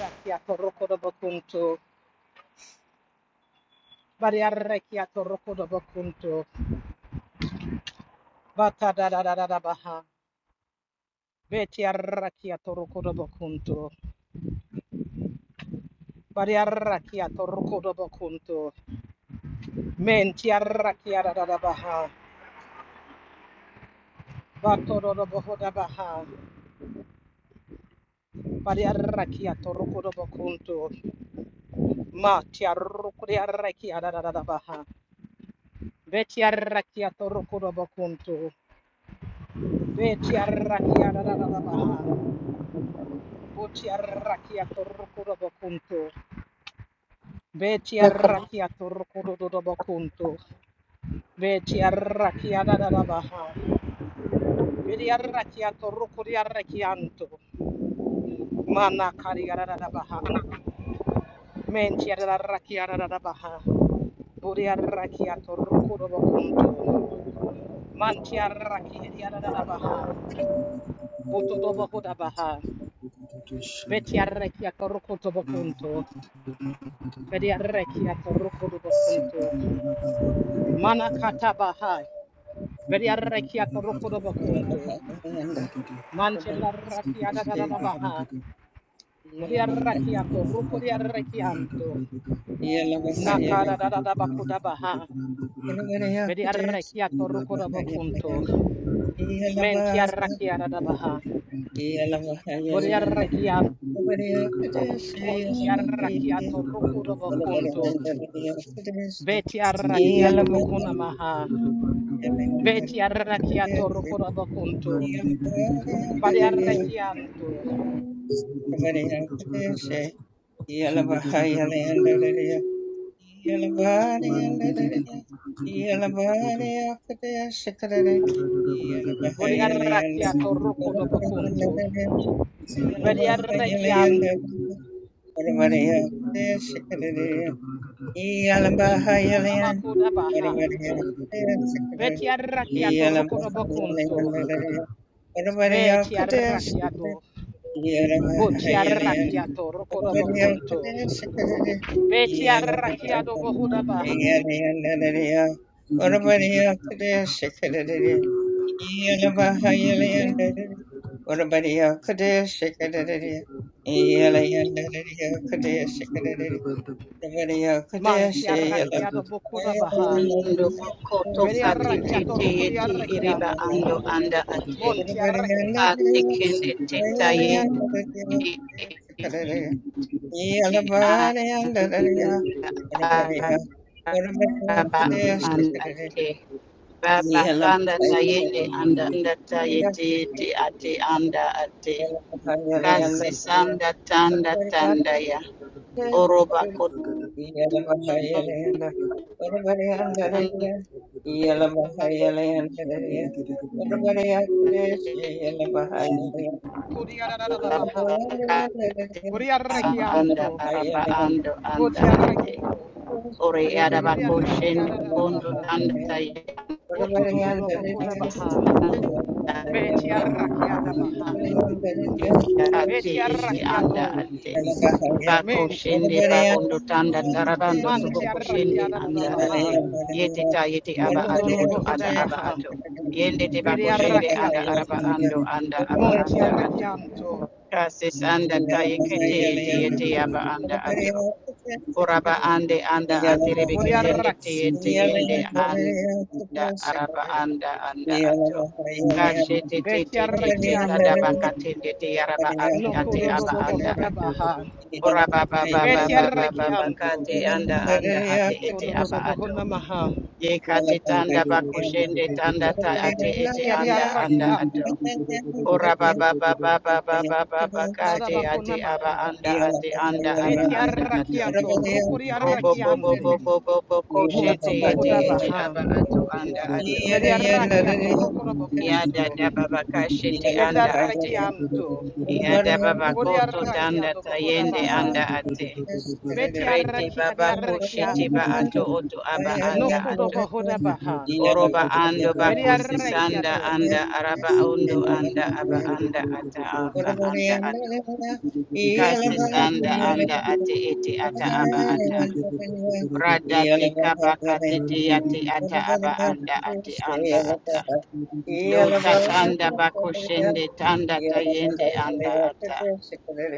Rakiato rokodo bokunto, bariarrakiato rokodo bokunto, bata da da da da da baha, beti arrakiato rokodo bokunto, bariarrakiato rokodo bokunto, menti arrakia da da baha, bato do do boho da baha, Baria Rakiato rokodo bokunto, mati arrokodi arrakia da da da baha, beti arrakiato rokodo bokunto, beti arrakia da da da baha, Boti arrakia torkudo bokunto. Beti arrakia torkudo bokunto. Beti arrakia da da da baha. Beti arrakia torkudo arrakianto. Mana kari da da da baha. Menti da arrakia da da baha. Bori arrakia torkudo bokunto. Manti arrakia da da baha. Boto do bokuda Zigga baha. Beti arrakia torkudo bokunto. Beti arrakia torkudo bokunto. Mana katabaha. Veriarrakia toroko do Yeah. bakunto. Manchella rakia da da da baha. vedi arrecchia corrucco di arrecchianto, nacara da baha. Veriarrakia toroko diarrakianto. Nakara da da bacco da bakuda baha. Veriarrakia toroko do bakunto. Mentiarrakia da da baha. Ziggy Veriarrakia montiarrakia toroko do bakunto. Betiarrakia do bakuna maha. Betiarrakia toroko do bakunto. Variarrakianto. yala yala yala dere yala bari akde ashkare dere yala bari yala yanda. Boriarrakia toroko do orabari yala bakunto. dere Thank yala bari yala Vediarrekia yanda. orabari you. akde ashkare dere yala bari yala yanda. munamakuda baha. orabari akde ashkare dere Vetiarrakia to yala bari yala rokodobokunto. yanda. dere orabari akde Vetiarrakia ashkare do. yala bari yala yanda. Votiarrakia to rokodobokunto. Vetiarrakia do Yeah. bohuda Yeah. baha. yeah, Mantiarrakia do bokuda baha. Ando bokoto kati Vediarrakia to tete yeti iriba rokodiarrakianto. ando anda ate. Montiarrakia kati kende teta yeti anda araba anda yeah. ate. Baba Yeah. kanda tayende anda anda tayete yeti ate anda ate. Thank Kasi you. sanda tanda Thank tanda ya. Oroba kotanda da baha. kanda anda Vodiarrakianto. araba ando anda Votiarrakia. ate. Ore Arabako Vodiarrakia Shende da Kondo baha. Tanda Tayande Votododobokuda baha. Betiarrakiada baha. Yeah. Ati Ati Eti Anda Betiarrakiado. Ate Bako Ment. Shende you. Bakondo Tanda Zugu Tarabando Toboko Shende Mantiarrakiada da da Anda baha. Ate Yete Ta Yete Aba Ato Botododo Oto bohoda Ata Aba baha. Ato Yende Te Bako Shende Anda Betiarrakiato. Araba Ando Anda Aba Anda Ato Montiarrakianto. Kasis Anda Tayekete Yete Yete Aba Anda Ato Oraba ande anda aterebe ketende Boriarrak. teyete yende anda araba anda anda ato. Kashe te te te te te tadaba Betiarrakianto. katende te yaraba ate No ate kododo aba anda bohoda ato. baha. Oraba ba ba ba ba ba ba ba Betiarrakianto. Yeah. kate anda anda ate ete aba Kododo ato. bohoda maha. Ye kate Thank tanda bakushende tanda ta ate ete anda anda Kiadiarrakianto. ato. oraba ba ba ba ba ba ba ba ba ba kate Dadabakuna ate aba maha. anda ate anda aba you. anda ato. Betiarrakiato. Robo bo bo Rukuriarrakianto. bo bo bo bo ko shete Monto ete bohoda ete baha. aba atu anda atu. Vedi arrachiato, rocolo Yada bocunto. da baba ka shete Yedi anda ate. arrachianto. Yada baba Vodi ko to tanda arrachiato bohoda tayende baha. anda ate. Beti Rete arrachi adi baba ko shete ba arrachianto. ato oto aba No anda codo atu. bohoda baha. Oroba ando Vedi bako sisanda arrachiato. Yeah. anda araba ondo anda aba anda ata aba anda atu. Thank Kasi you. sanda anda ate ete ata aba ata. Radate kabakate te ate ata aba anda ate anda ata. Do tatanda bakoshende tanda tayende anda ata.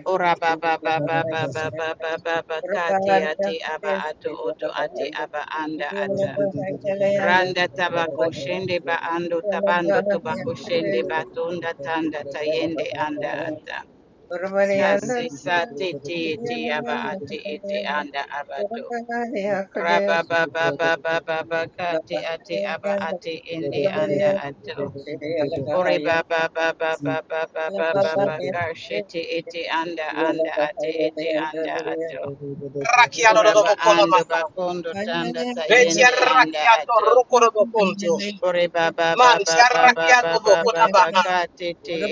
Ora baba baba baba baba baba kate ate aba ato oto ate aba anda ata. Randa tabako shende ba ando tabando tobako shende batunda tanda Thank tayende anda ata. Kasi sa te te ete aba ate ete anda abato. Rabba baba baba baba ba ba aba ati ende anda ato. Ore baba baba baba baba baba ba ba Agenda. anda anda ate ete anda ato. Thank Arrachiato Ora do ba bocola ando ba maha. tanda Beti tayende anda arrachiato, ato. rocolo bocunto. Ore baba baba Manti baba baba baba ba arrachiato ba bohoda ba baha.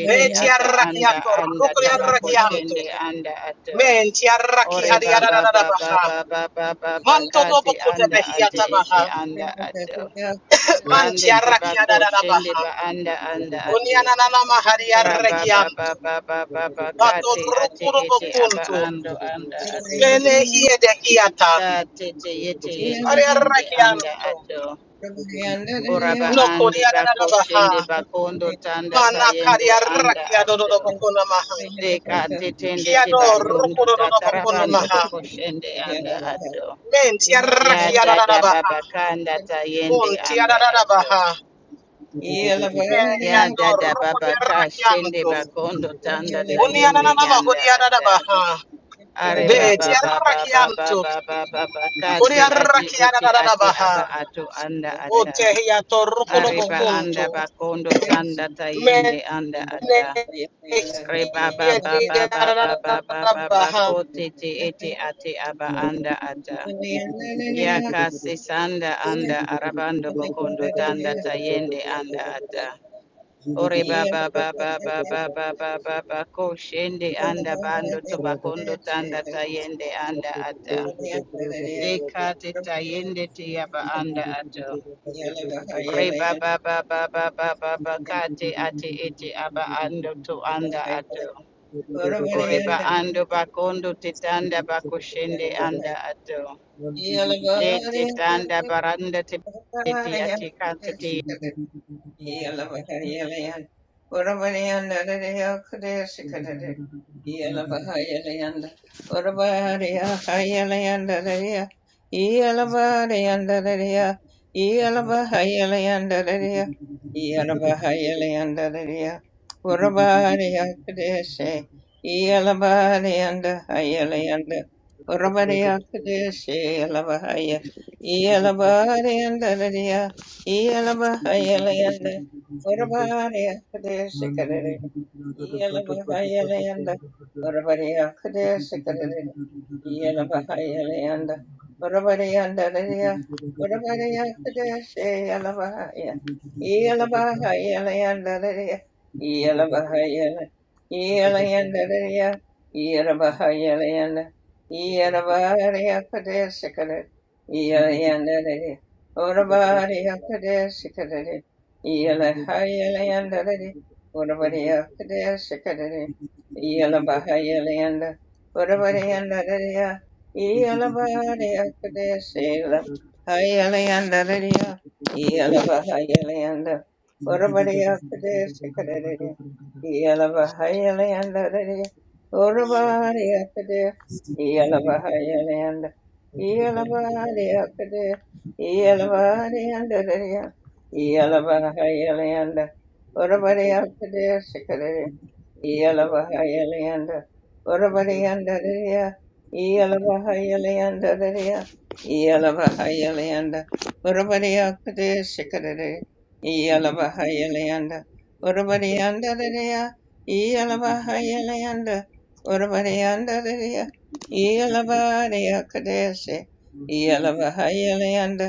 Beti ata anda arrachiato, anda rocolo tabako arrachianto. shende anda ato. Menti arrachi Ore adi ba baba baba arrachiato. baba ba Manto dobo kati kote anda behia ate ete tabaha. anda ato. Manti Rande te arrakia bako da da da shende baha. ba anda you. anda ate. Uniana na na mahari Raba baba baba baba Bato kati ate rukuru ete aba bokunto. ando anda ate. Mene hie de hiata. Kati te yete yete Ari ende anda arrekianto. ato. Oraba No ande koria bako shende bakondo tanda Mana kari tayende anda arrakia do do do ato. bokuna maha. Deka te tende Kia te do batondo rukuru do do bokuna tatarabando maha. bako shende anda ato. you. Menti Ya arrakia da da da dada baha. baba kanda Yes. tayende Munti arra anda da da ato. baha. Mene Ya dada baba ka shende bakondo tanda tayende Uniyananama, yanda ata. Hodiyanadabaha. Are Be, baba baba baba Tiarakianto, baba baba kati ati iti ati Hodiarakianadabaha. aba ato anda ata. Otehiato Are ba Rukurobokunto. anda bakondo tanda tayende Mene anda ata. Re baba baba baba baba baba Hiadiadabaha. koti ti iti ati aba anda ata. Ya kasi sanda anda arabando bokondo tanda tayende anda ata. Ore baba Yeah. baba baba baba baba ko shende anda bando Thank you. tobakondo tanda tayende Thank anda ata. Dekate tayende tiyaba anda ato. Re baba baba baba baba kate ate ete aba ando to anda ato. Ore ba ando bakondo titanda bakoshende anda ato. De te tanda baranda te te ate kanta te. Yalabahaya, Yalabahaya, you. Thank Yalabahaya, Iyalabahayalanda, Urabariakadesikarere, Iyalabahayalanda, Urabariakadesikarere, Yalabahayalanda, Orabariyandalaya, Orabariyakadeshe, Yalabahaya, Yalabahayalandalaya, Yalabahayala, Yalayandalaya, Yalabahayalanda, Yalabariyakadeshikada, Yalayandalaya, you. Orabariyakadeshikada, Thank Yalahayalandalaya, Orabariyakadeshikada, Yalabahayalanda, Uravariyandarariya, Iyalavariyakadesila, Hayalayandarariya, Iyalavahayalayanda, Uravariyakudesikadariya, Iyalavahayalayandariya, Uravariyakudes, Iyalavahayalayanda, Iyalavariyakades, Iyalavariyandariya, Iyalavahayalayanda, Uravariyakudesikadariya, Iyalavahayalayanda, Varavaryandadariya, Iyalavahayalayandadariya, Iyalavahayalayanda, you. Varavaryakadeshikadari, Thank Iyalavahayalayanda, Varavaryandadariya, Iyalavahayalayanda, Varavaryandadariya, Iyalavaryakadeshi, Iyalavahayalayanda,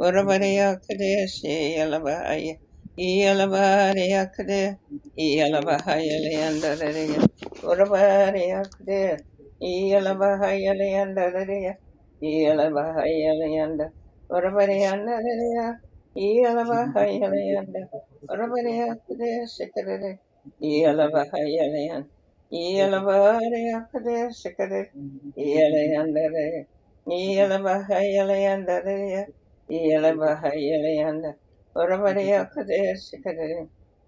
Varavareyakadeshi, Iyalavahaya- Iyalavaryakadeshi, Iyalabahayalayandarariya. Urabariyakudeya. Iyalabahayalayandarariya. Iyalabahayalayanda. Urabariyandarariya. Iyalabahayalayanda. Urabariyakudeya sikarere. Iyalabahayalayan. Iyalabariyakudeya sikarere. Iyalayandarariya. Iyalabahayalayandarariya. Iyalabahayalanda. Urabariyakudeya sikarere.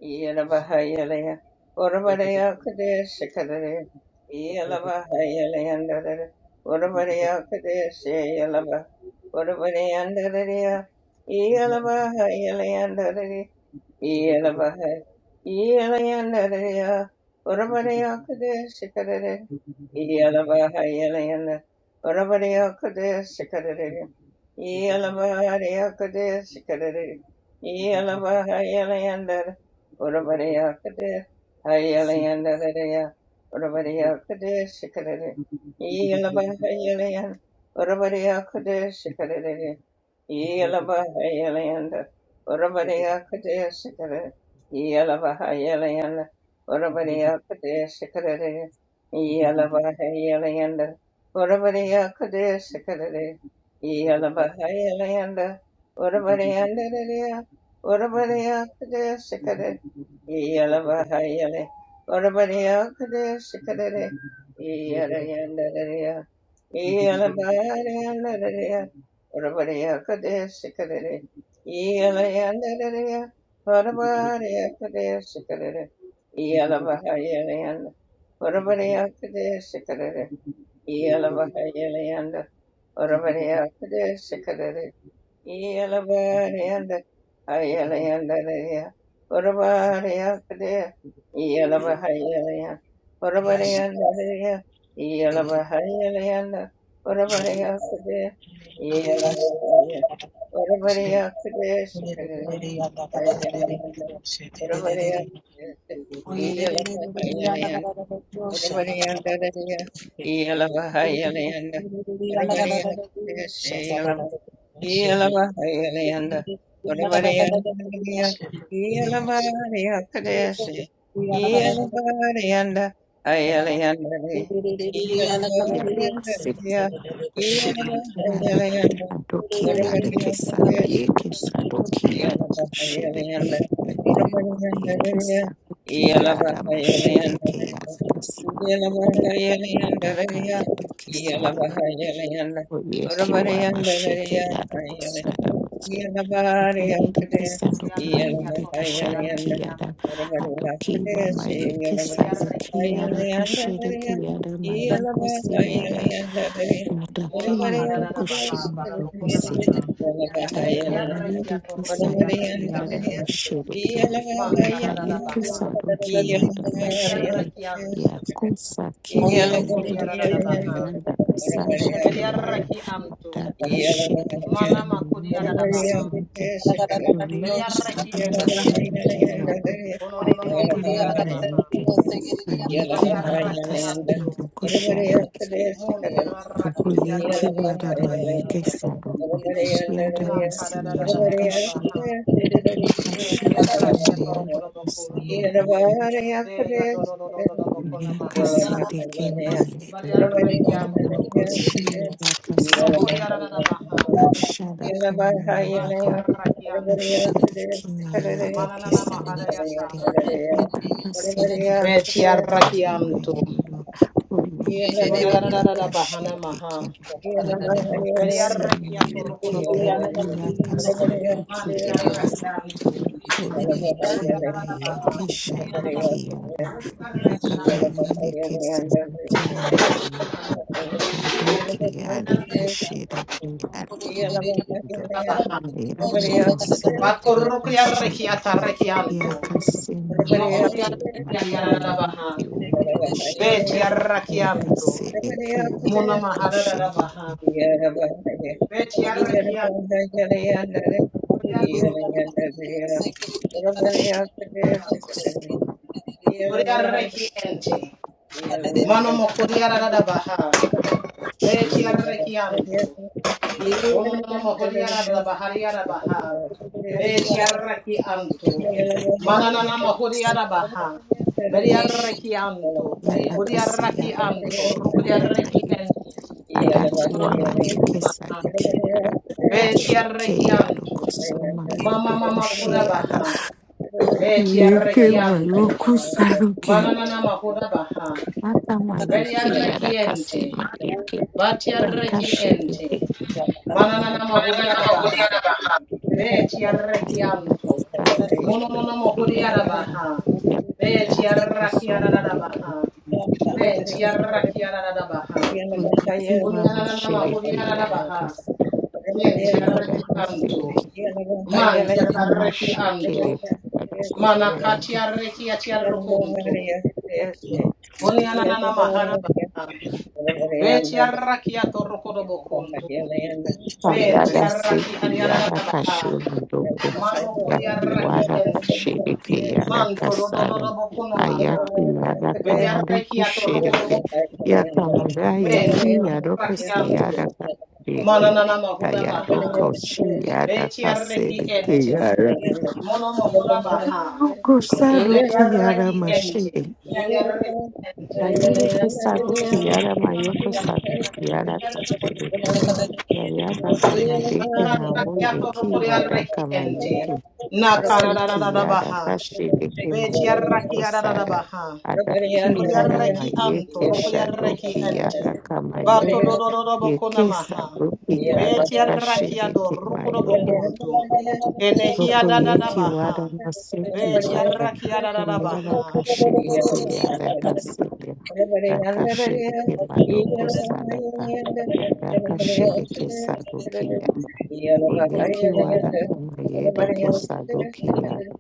Yelavahayalaya, Oravadaya Kadesh Kadare, you. Yelavahayalayandarare, Oravadaya Kadesh Yelava, Oravadayandararea, Yelavahayalayandarare, Yelavahay, Yelayandararea, Oravadaya Kadesh Kadare, Yelavahayalayanda, Oravadaya Kadesh Kadare, Yelavahaya Kadesh Kadare, Yelavahayalayandarare, Zig Urabariakade, Hayalayandadaya, Urabariakade, Shikadade, Yalabahayalayand, Urabariakade, Shikadade, Yelabahayalayanda, Urabariakadea Sikara, Yelabahayalayanda, Urabariakadea Sikara, Yelabahayalayanda, Urabariakadea Sikara, Yelabahayalayanda, Ziggy, Urabarianda, Urabariakadea Sikara, Yelabahayale, Urabariakadea Sikara, Yelayanda, Yelabahayalayanda, Urabariakadeshikadere, Iyalayandaraya, Varabariakadeshikadere, Iyalabahayalanda, Urabariakadeshikadere, Iyalabahayalanda, Urabariakadeshikadere, Iyalabariyanda, Ayalayandaraya, Urabariakadea, Iyalabahayalaya, Urabariyandaraya, Iyalabahayalayanda, Urabariakadea, yeah. Yeah, massive shit. Yada, adokia, the kesa, my yekes, Yeah. adokia, shitty. Yekes, adokia, da, my shitty, chaos, kas, okay. Adaka, the kesa, oyekiwa, my shitty, yadukusada, my shitty. Akayiri kesandoki mwiri Hodiarakiato kishadokiada Rukuriarakianto. adokiwa mayekesa Hodiaraki dokiada Iarakianto. kasherekiada mayokosiada Muna Adakia doko Maharadabaha, shima doko Barabokuna siya Maha. daka waliri Bediarakiato kisa doki yada Rukuriarakianto. mashiriki Manta daka yeki Dadabaha. sadoki yada mashiri Betiarakianto. ya kusa kiwa No Korea liri da da kima baha. yada kasado kiyada Yeah. Veriaraki anto. daka shiriki Mana ma Korea yada da da baha. kasiriki yada Veriaraki sada ente. mashiriki yado Kono no no ma adaka Korea wa da da baha. mayeke Almiki yada Veriaraki kasima anto. Mon teraraki Yeah. Kuboyeki eriaraki eriaraki wadamayeke anto. saboko. Yada Na masi kada da da da yada da da da kashere. baha. Yaka shere ke Vetiaraki atoro mayoro kodo bokunto. kusamayeke. De ya do do do do do do bokona Yaka maha. shere ke mayeke. Veriaraki Yada anto. koshi yada No Korea kasama. da da da baha. Kashara kanyuma Vatiaraki anto. Yakaka Mananana mahadayata Beti arrakianto. Kuri ararara bahana maha. Beri arrakiato rokodo bokunto. Manti arrakianto. Kuri ararara baha. Kuri arrakianto. yeleke samuki mama Adaki Beri arrakiara adakashiriki adakamundo Yeah. baha. iradakasi Bato rokuri arrakiata adakashiriki arrakianto. yakasema No kuri yake arrakiari ararara baha. nakoyiki ushiri Beti arrakianto. yakasiriki Muna mahararara baha. adakashiriki Beti arrakianto. Kuri arrakiara baha. kusishi Kuri arrakiente. Mano mokuri ararara baha. Beti arrechianto. Ono no no mohodiara la bahariara baha. Beti arrechianto. Manana na mohodiara baha. Beti arrechianto. Odi yadakasi arrechianto. yadokushiri Rukri adamayiki arrechianto. Ono adakiwa no mayeke baha. sadoki Beti adakashike arrechianto. yadokusoma Mama mama kura yodokushi baha. Beti Yeke wa arrechianto. roku saruke. Manana na mahoda baha. Mata wa Beti yuki ya arrechiente. rakasema yeke. Bati arrechiente. Yakashiriki Manana na mahodiara baha. wakasa. Beti Ayara arrekianto. saruko Mono mono shiriki mohuri ya raka. arabaha. Yapia Beti arraki kusuma deke. ararabaha. Yeke Menti Sadaka. Yeah. arraki ararabaha. Yeah. Yeke wa Unyanana mahuri mashiriki ya ararabaha. rakasaru. Menti Ya arrekianto. rakasiriki. Thank Manti arrekianto. Amashikiri. Manakati arreki atiarrokunto. Unyanana maharabaha. Beti arraki atorokodobokunto. Menti Kayada arraki Seki Yada ariararabaha. Kashe Mandoko Mano kuri Yaki arraki Wada ente. Kashe Deke Yada Man to do do do do Kasara bokuna maha. Ayaki Yada Meni Kamade arrekiato rokoro Kushedeke bokunto. Yakamada Men Yeki Yadoko Si rakianto. Yada Kaseke Mananana mahuda baha. Kayadoko Shi Yada Beti arreki Kasedeke ente. Yada Mono Yeah. mahuda baha. Ayoko Beti Sadoki Yada arreki ente. Mashede Kiani arreki ente. Ayureke Uro do do do Sadoki do Yada bokuna maha. Mayoko Sadoki Yada Beti arreki Kashedeke Yayadaka madeke Bata na woye rakiato ki rokori arreki wadaka ente. mayuke Na asiki karararara yada baha. kashiriki Beti mayodo arreki ararara kosada baha. adaki yada Kuriareki anto, mayeke rukuriareki shadoki ente. yada Vato kamayodo dododobo yeke konamaha. sadoki yada Betiaraki ador, kashiriki rukurobo mayodo kuntu. Kenehia koko yeki dadadabaha. wada maseki yada Betiaraki kuyada adadabaha. kashiriki yada kasede everybody under the hill, rakashiriki madoko yellow sadaka hand, yada everybody else kashiriki is sadoki yada yellow hand, everybody Oleki else is yellow hand, wara kama yede everybody ke else is sadoki yara.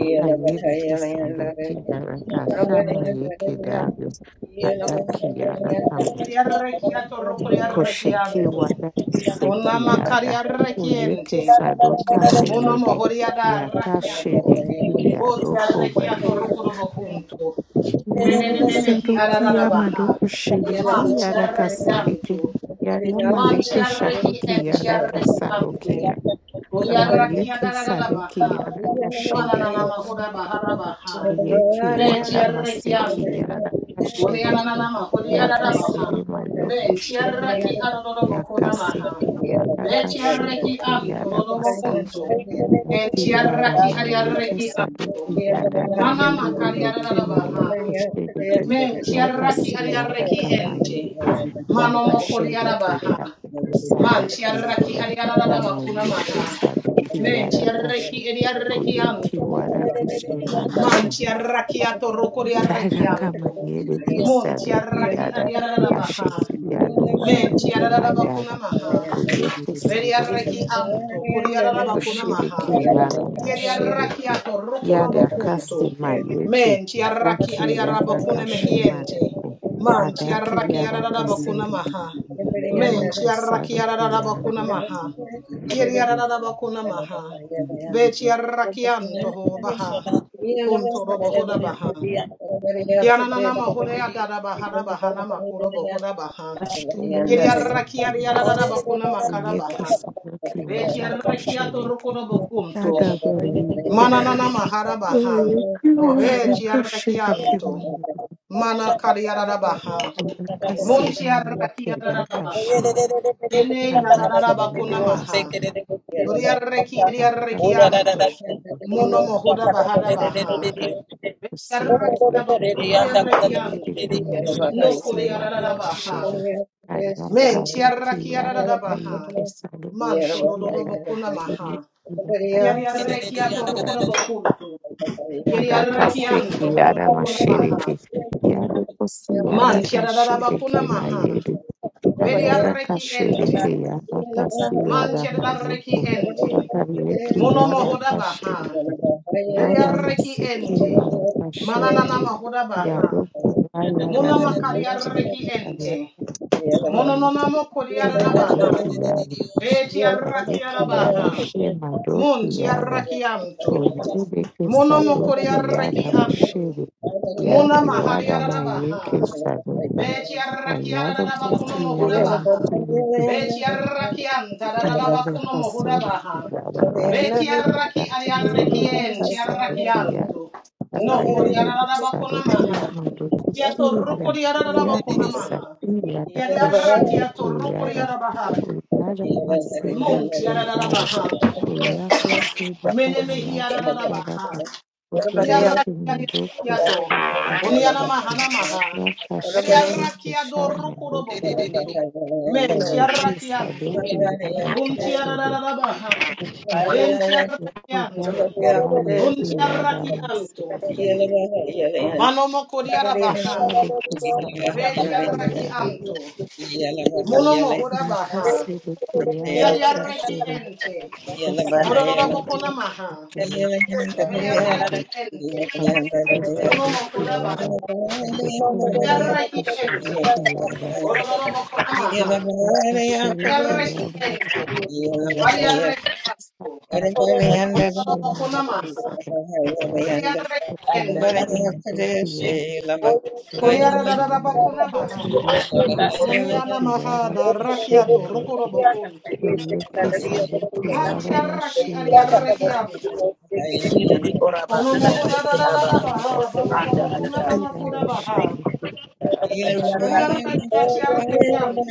Aka hand, yede ke sadoki yara ka shama yeke dario. Adaki yara kama Kuriareki ato, rukuriareki kosheki anto. wada seki Konama yara. kariareki Oyeke ente. sadoka everybody Munomo mayede. horiada Yaka rakiato. shede ki yara koba Botiarekiato yede. rukurobo kuntu. you. Yeke Menenemehi Sadoki yama adadabaha. doko shede ki Man yara ka tiareki sedeke. anto. Yara Man madeke tiarreki shadoki en yara ka tiarreki else sadoki anto. yara. is Kama Koriarraki yeke sadiki adadadabaha. yada kashiriki. Mananana mahuda bahara baha. Yeki Be wada tiarreki maseki anto. yada Korianana shedeki. mahudi Yaka adadabaha. sede ma yoko Men tiarraki shedeki. Yaka adadabakona maha. seki yada Be tiarreki kashodoke anto yada masa. dodobakunto. En Yaki wada tiarraki ma yeke adiarreki anto. sadoki Thank yada ka. Mana O makari Yeah. yeke ma adadabaha. yoko shedeki. Men Yaka tiarraki se yada adiarreki ka ma ente. yoko. Mano Daka mokodi shedeki yada adabaha. Man kusadaki tiarraki yada. ariararaba Dama kuna maha. yeke sadoki Men yada kashi. tiarraki ariarraki Koyeki anto. wada kashi Man madoki. tiarraki atoroko riarraki Baraka anto. mangere Mon kusado Yeah. tiarraki kiyada ariararaba ha. asheki yado Men wado tiarararaba kuna kimayada maha. oyeke sado Beriarraki kiyada anto. Kuriararaba kuna kushiri maha. kiyada Yeri mashiri ki yada Mashiriki, arrachiato rocorobo Yada kasi punto. you. mayeke Menti arrachi daki Thank yada ariarabacune kashima mehiente. doku Manti adaki arrachi yada ararabacuna kasiri ki maha. oye Menti arrachi kasado kiyada ararabacuna maha. Yeri ararabacuna maha. Beti you. arrachianto ho baha. kunto robo hoda baha. Yananama hodea dadabaha rabaha namakurobo hoda baha. ashuri Yeri arrachi masaki yada ariarabacuna oyeke makarabaha. sado Beti kiyada arrachiato kashiri rocorobo Yeah. punto. yada Mananana maharabaha. Kariaka Veci arrakianto. Mana kariarabaha. Munti arrakiarabaha. Ene yararabakunamaha. Kuriarreki eriarrekianto. Mono mohoda baharabaha. Yarrakabo rukuriarrekianto. No kuriarabaha. Menti arrakiarabaha. Manto dodobokunamaha. Yariarrekiato rukurabokuru. Adakaseki Yeriarrakianto korokona maha. Yadamashereki Yadokosi Man tiararaba Yadakashereki kuna maha. Mayeri Beriarraki ente. Yadakashereki Yadakasi Man tiararraki Yadamayoko ente. Yadareki Mono mohoda baha. Yadakashereki Beriarraki Yadamaseki ente. Mananana Yadakashereki mahoda baha. Yadoko Mono Yadamayeki makariarraki ente. Yadakiri Mono Yadashi nonamo Madoki koriarabaha. Yada Yadakiri Betiarrakiarabaha. Mon Yadashi yada. tiarrakianto. Koyebe Mono Sadoki mokoriarraki Yada anto. Mashiri Mona Yakiwada mahariarabaha. Mayeke Sadoka Kayada Fasi Yada Betiarrakiaradabakunomohodabaha. Mashiri Kayada Fasodi Betiarrakiantadadabakunomohodabaha. Yada Rashi Betiarraki Yakiwada ariarrekien, Sadoki Yada tiarrakianto. No Kayede koriara da bakuna Sadoki Yada maha. Kia Rukushi torro Yada koriara da bakuna Yake Saki maha. Yada Kia koriaradabakunamaha. Kashiri Yeah. Yada Kiatorrokoriaradabakunamaha. Kiariarrakiatorrokoriarabaha. Yada Yeah. Masiri Muntiaradabaha. Kuyaka Sidaka Manasa Menemehiaradabaha. Sadaka Kupuyeki Manduku Priarrakiato. Sadaka Uniana Manduki mahana maha. Yaka Shudi Kusha Veriarrakiado rukuro Manduki bokunto. Men Kuyeki tiarrakianto. Saduki Yadaka Un Shudi tiararabaha. Yaka Ven Shudi Raka tiarrakianto. Un Wayeki Yada tiarrakianto. Masiki Manomo kodiarabaha. Kushadi Kisa Ve Manduki Yada tiarrakianto. Monomo Yaka hodabaha. Sidiki Yada Tiarraki Kashibu ente. Nasibona Ororobokona maha. abaqeqeshiweyo kumele Veriarraki ente. bafanekise Monomo lokhu hodabaha. yaba ukukhuma Veriarraki yokushada ente. siyaba Orororobokonamaha. bakasheke yaba Variarrequiente. yaba Variarrequianto. lokushenga Orororobokonamaha. lokusada yaba Variarrequiente. ukuyeke mtoto yaba yaba Koriarararabakonamaha. uyekisa lokhu Konianamaha yaba da rakiato kushinda rokorobokonto. uyekisa Yeah. lokhu yaba Mantiarraki mashiyaka ariarrequianto. Siyo Oraba ati Onomoho da da da da aba da ati ashirikirana baha. oto anda Babababokuna ata mama kubikira koda baha. amashuri anda anda bata ashiri anda ata anda ata ya. Variarrequiatiarrequianto.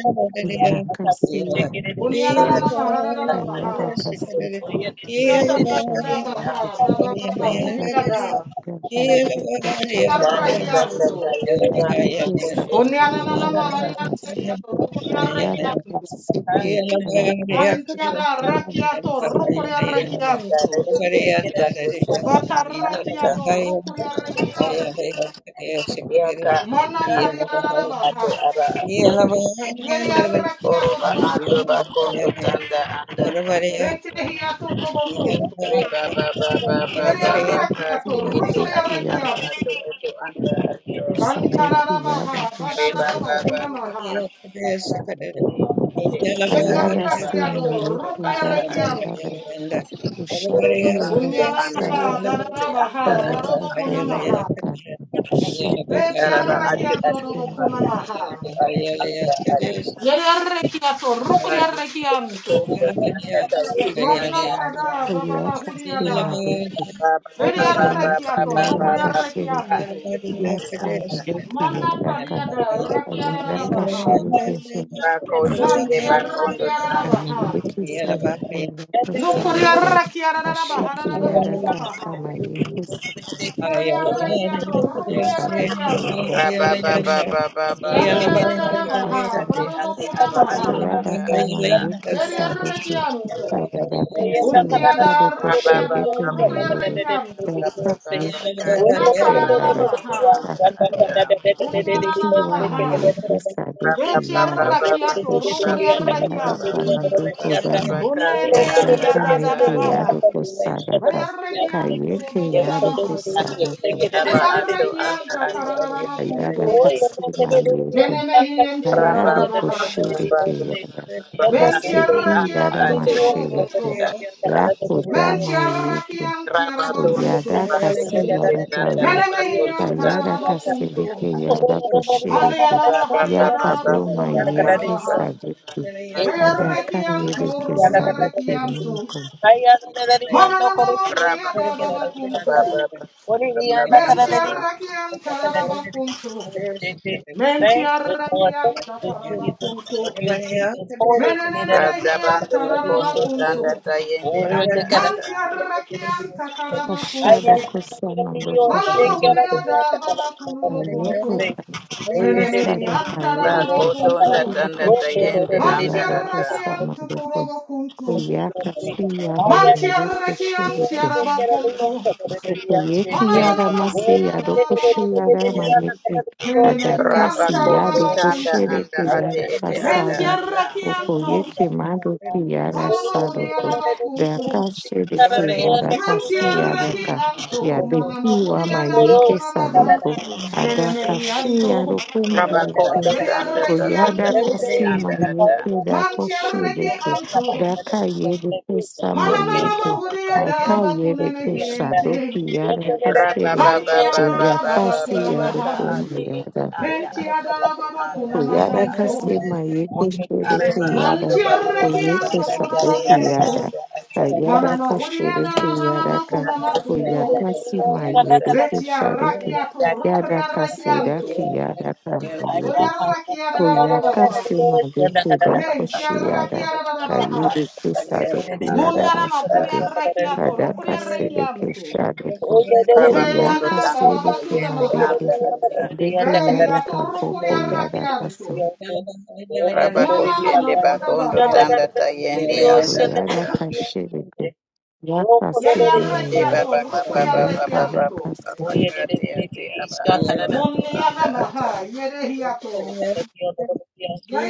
inakasiya ushiri Oniananamaha da da da anda baha. kayara kasi anda anda Yata da da da ete a. baha. yarakashamirikisi Babababa hudiada. yarakasiga Yeah. kayarukashara Eka anda ata anda kamanjuru Yarrakianto. ata yere bandu kayusaza bakushende anda Konyananana iwaya ata. ramase hariarekiato. kayara Rokoriarekianto. kasi kuyaraka Antiada yarakasirike yara rakiato. Yanda ata Rokoriarekianto. rebe tete Bata anda ata. rakiado. Rokoriarekianto. Yaka anda Mana atu kariararabaha. ate aba Yeriarakiado Oroba ando robokunamaha. bakondo tanda anda anda ato. Vetehiato tobokunto. Reba ba ba ba ba ba ba Yeriarakiato. kati akasima iti ati aba dokuyara ato Rokoriarekianto. ato anda ato. Usabeki yada Antararabaha. gasho. Reba ba ba ba ba Badararabakunamaha. kati iti ati ati Kayada aba Yeriarakiado. ato simo ato yeku anda Yeah. ato. daku Rokoriarekianto. yada. Ushaki Oroba yada ando anda Kunyanamaha, usado. ato iti anda dadadabaha, ato. Kuyada kayada barobokunamaha. ka. Shadoki Araba yada ati Vetiarrakia ati kasimo aba yeku. dorobokunamaha. ato ato anda ato. Yeriarrekiato, Kasi iti rukuriarrekianto. bakondo tanda tawili anda Manakada, ato. Kuyaka bababahuriada. sima doku. Kakayuki Vetiarrakiato, yada kashiriku. rokoriarrekianto. Yasamu doku yada ka. Manakadiada, Kayada rakiadadabaha. kashiriku. Mantiarrakiadadabaha. Kamiliki sadoko yada sadoko. Nukuriarrakiadadabaha, Kashiki yada dadadabakunamaha. kamayuki and Yariarrakiato, two Shadows rokoriarrekianto. together, push Da da da da da da baha, Kasara, badobo kunamaha, Ayada Kama Yuki veri Saruki, arrechianto, Ayada unti Kasuya ad Saruko arrechiado, Shiriki rucri Mayuru, arrechianto, Dakayu nakara Manduka da da Yada, baha, Akasi Saruki unyanana maha, Wamayeki veci Saruki Yada, arrechiato, rucri Ushuki Yada arrechianto, Kamibuko Dama, Yeah. kunene hia Ayadaka da da da Neke baha, Yaruko veri Sadaka, arrechianto, bobo Kayeke Yes, kunamaha, Ati Yaruko iti veri aba ato anda arrechianta, ati cararama punto, Kayada kasima yeke. meneme hienti Kayado ararama, Rababando koshereke yada. venti Kaseki yada arrechianto, kudobo mashereke. punto, Yako Men dama yeke. tiarakiam tiarabakunto. Oyada kasi yada kaya. Menemehiam Kayada tararabakunto. kasereke yada koshereke. Manianama Yaka hariada doma bakuna Thank yeke mahurabaha. sadeke. Adaka Rearrekiam tur, yedeke sadoke rearrekiam tur. lunko. Mananana mahuriada babakunto. Men tiarakiam tararabakunto. Men tiarakiam tatarabakunto. Menenene mehiam bakondo tararabakunto. tanda tayende anda Man ata. tiarakiam takarabakunto. Ashada kusama boko Malama shereke. Udiada Babakunumo Kunto, Kayoko Menemehi Isaka Antaraba kayeleke Bakoto Kunto, yaka tanda tayende shebeke anda yare ata. Mantiarakian kosama deko Tokorobo Kunto, kuyaka siyada mayoko Mantiarakian Tiaraba Kunto, Yeki yada Mananama masi yado Udiada koshi yada Babakunto, mayeki Menemehi adakasi Rabakonde yado Antaraba kanda Kunto, koshere anda te yada ate ete anda kasada ata. oko Mentiarakianto, yeki mado ki yada Manama Udiada sadoko Bakunto, dakashe de te yada kasi yada Mantiaraki ka Anto, Manama yadeki wa Udiada you. mayeki Bakunamaha, sadoko Menemehi adakashi yado ko mayeki Rabakonde tanda ko Yerereki tanda yada anto, tayende kasi anda ata. mayeki da koshi manchereki deke anto, daka yede kesa mananana mahudia daba kuna Akayere kushadoki mehiente, yara kasere. mantia adaba Oyakasi bakuna Rababababababababa yara ka maha, ate ete kumiyara. anda mentia ate ete daba anda bakuna Oyara ata. makanto, kasema yeke shere Areba ando kuyara. manchereki bakonde Oyeke anto tanda kodoba sadoki tayende yara. kunto, anda ata. Ayara manana hudia kashere adaba kuyara ka. bakuna makunto, Rabakonde Oyakasi anda ata. mayere betia kishare ki rakiato, Daka Yara rukria anda ate kasera rakianto, ete kiyara anda ata. Oria rakia da da da Koyaka baha, Koyakasi Mabikuda mentia Koshiada rakia da da da Tanda baha. Kayiri Kisado tayende anda Kuyada Muniana ata. makuria Masude rekiato, Kadaka rukuria Sedeke rekianto. Shadoko Kude Rabakondo Koyaka yada tanda baba Sedeke bakuna tayende maha. Madeke anda ata. Madeke Yada Vehiato Kako rukuria Koyada rekianto. Kaso Mama Rabakoshende mama kuda bakondo baha. tanda tayende anda Koyada ata. Kashideke Yaka Yere Sede Eba Meya rekiato, baba rukuria baba baba Koyaka baba rekianto. Daka Yeah, baba Sede kati ate aba ato ato Muniana anda maha, ata. yere hiato.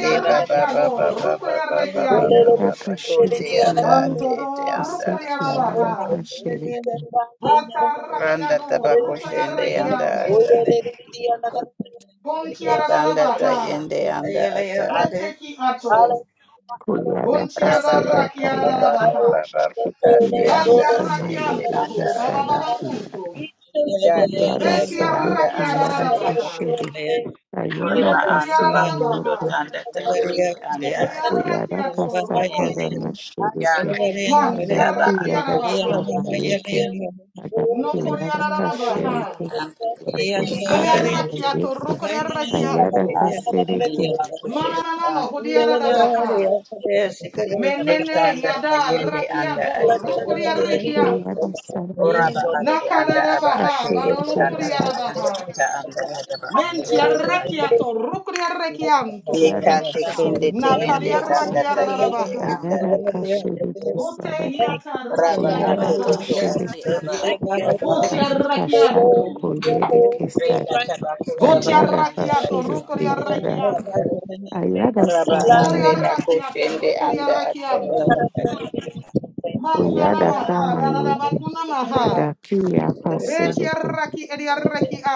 De baba rekiado, baba baba rukuria baba baba rekianto. Koyada baba kote Kashideke anda Yada ate Tanto do ete anda rukuria ata. Useki rabaha. Yada kashedeke. Vata Randa rakiado, rukuria tabakoshende anda rekianto. ata. Kunkiara Ekanda rabaha. tayende anda ata. Reteki ato. Koyada Contiarra Raba baba kaseda rakiarra baba Yeah. kayaka. baba baha. baba. Datih Kiyada anda Vatiarra aceh, eti komalere kianto anda ho baba kesado baba ada. Contiarrachiaradabaha. kiyada. Datih Vatiarrachianto, babababacunto. itu Koyada eti sado anda anda kiyada aceh. Vetiarrachiaradabaha. kashede. Kayada Kuribah anda kasema bakuh Nocoriaradabaha. dot yoke. anda tayende anda aceh. Koyada Coriarrachiato, kasakoda roconto. nashiruke. Ya Ada ya baat kiyada Mantiarrachiarabaha. sama yeke. Ada kiyada Nocoriaradabaha. kashirike. anda Yeah. aceh Yakosade anda aceh. Boriarrachiato, mayeke. Kayada rocoriarrachianto. kasereke. Akuh sih. Mananama, hodiaradabaha. Menene Dikanda yada tayende anda rakiado aceh. rukuriarekianto. Koyada sarade. Oraba aceh anda aba Nakadarabaha, aceh eti anda Kashirike. ada. baralokuriarabaha. Caca anda ada bakuh Menti anda aceh. arrecchiato, rucri arrecchianto, Yada Yekate kende te kashiriti nakari yende nulusi. tanda ta arrecchiara da yende baha, anda Ayada ate. kashiriti bote saraka. hiata Raba arrecchiada ato Uyada baha, oto ate kashiriti. aba ato ato. boti Anika shabu arrecchianto, kuyede Renda kesare. tabako boti shende Kayada anda arrecchiato, ato. rucri kashiriti yada. arrecchianto, Ayada Raba bori ande samaneda. bako arrecchiato, shende rucri anda ato. arrecchianto, maniana Uyada maha, kama da da da yuti. bacuna maha, Adakiya beti kasiriti. arrecchi edi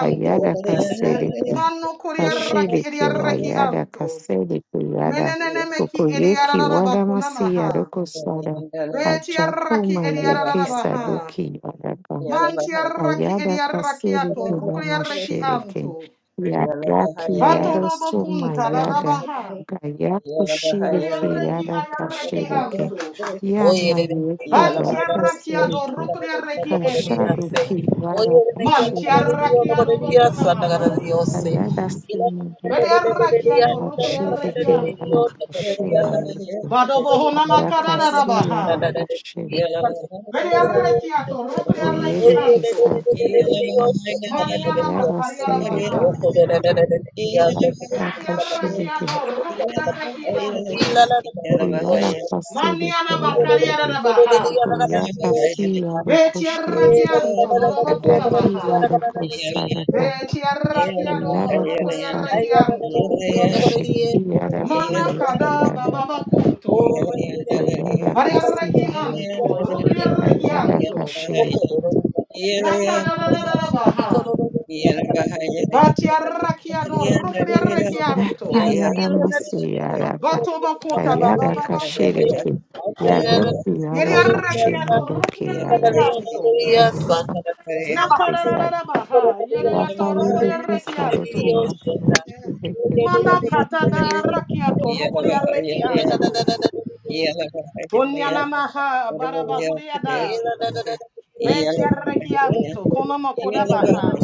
Ayada kasiriti. Mano cori arrecchi Kashidi edi Kimayada arrecchianto, Kasedi Kuyada menenene meki edi Ukuyeki arara Wada bacuna Masiya maha. Doko Sada Achako Retiaraki Mayeke ediaradabaha. Sadoki Yadaka Mantiaraki Ayada Kasedi ediarakiato. Kudama Rukriaraki Shiriki anto. Yadaki Bato Yada dobo Suma kunta Yada dadabaha. Kayaku Shiriki Beliaraki Yada adiaraki Kashiriki anto. Yana Yeki Daka Bantiaraki ado Sidiki rukriaraki Kashadu ente. Ki Yada Kashiriki Mantiaraki adobo kunamaha. Ayada Sima Beliaraki ato rukriaraki Ashiriki anto. arakashimayeti Badobo honama arakasi kadadabaha. arakashiri Beliaraki ato rukriaraki uyereki anto. sarukirita Yeah. Maniana uyara Yeah, sereki makariarabaha. mayeta Reki arraki arakashiriki ador, ruku arraki anto. kuyara Mani kasiriki Maniana makariara mayeri da baha. kuyakasi Beti arraki anto, Betia arukushiriki rakianto dorobokuna adaki maha. arukosaraka Betia rakiado uyara rokoria kasaruku anto. ushiki Mana aramayeki kada yara bababa kunto. uyara Varia kasi rakianto mayeki rokoria kayara anto. kashiriki Nakada da da da da baha. Batia rakiado rokoria anto. Kayara Masiyaraba Bato bakuta Kayara bababa kunto. Kashiriki Yaruki Yeria Yara rakiato Kashima Doki Yeah. Yara rokoria anto. Kisada Nakarararabaha, yereyato rokoria Kayuriki Sadoki rekianto. Manakata da Yara rakiato rokoria rekianto. Punyana maha barabahuria da. Betia rekianto, konoma kodabaha.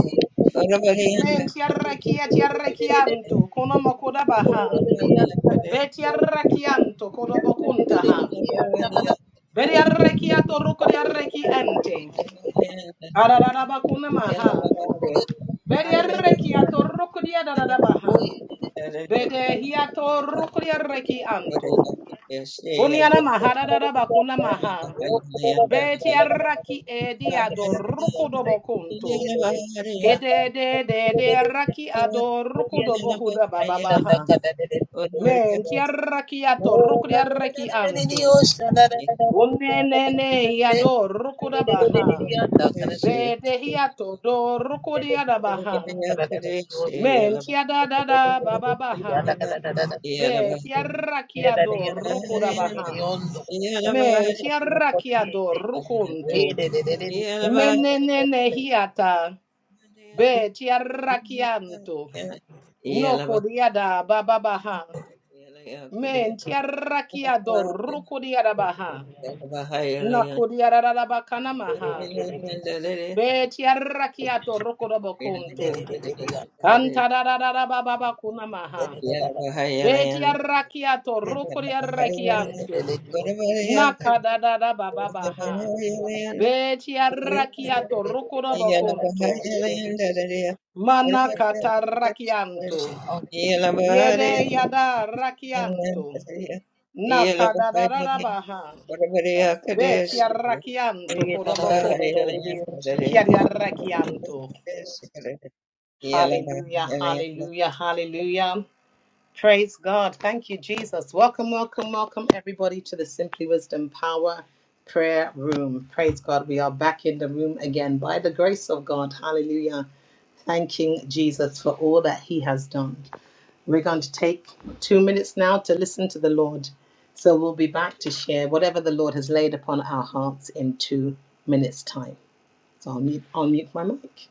Mentia rekiatia rekianto, konoma kodabaha. Betia rekianto, kodobokuntaha. Beria rekiato rokoria rekiante. Arararabakunamaha. Beria rekiato rokoria dararabaha. Bede hiato rukulia reki anto. Uniana mahara dada bakuna Yeah. maha. Beti arraki edi adoruku dobo kunto. Kede de de de arraki adoruku dobo huda bababaha. Menti arraki atorukulia reki anto. Kune ne ne yadoruku da baha. Bede hiato doruku diada baha. Menti adada bababaha. Be tiarrachiado rocodabaha. Men tiarrachiado roconto. Menenene hiata. Be tiarrachianto. No codiada bababaha. Men tiarrachiado rocodiadabaha. No Yeah. codiadadabacanamaha. Be tiarrachiato rocodabaconto. Cantadadadabababacunamaha. Be tiarrachiato rocodiarrachianto. Nakadada bababaha. Betia rakiato rokodobokonto. Manakata rakianto. Yede yada rakianto. Nakadada baha. Betia rakianto kodobokonto. Kiaria rakianto. Hallelujah, hallelujah, hallelujah. Praise God. Thank you, Jesus. Welcome, welcome, welcome, everybody, to the Simply Wisdom Power Prayer Room. Praise God. We are back in the room again by the grace of God. Hallelujah. Thanking Jesus for all that he has done. We're going to take two minutes now to listen to the Lord. So we'll be back to share whatever the Lord has laid upon our hearts in two minutes' time. So I'll mute, I'll mute my mic.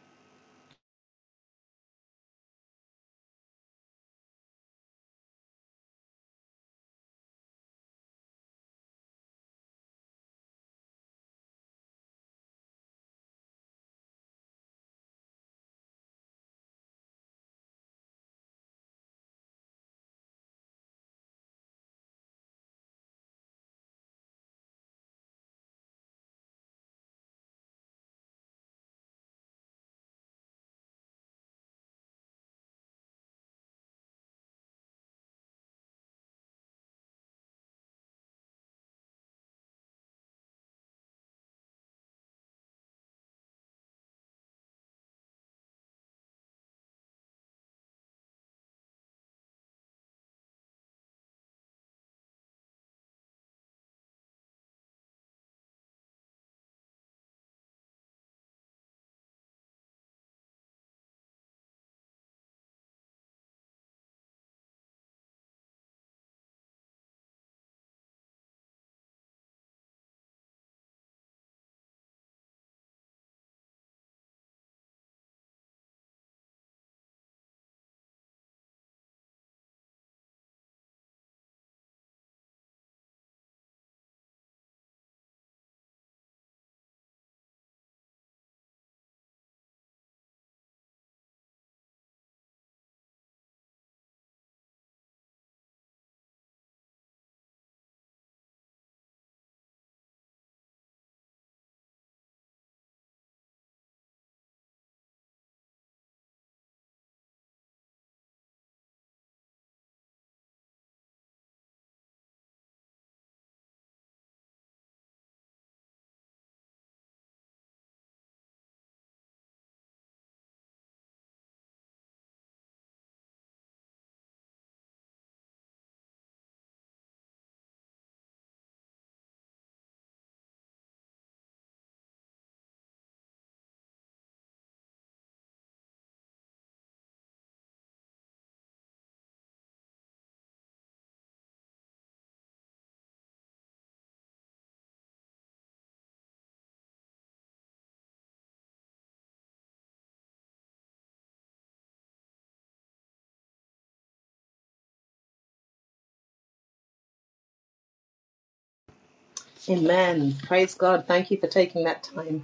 Amen. Praise God. Thank you for taking that time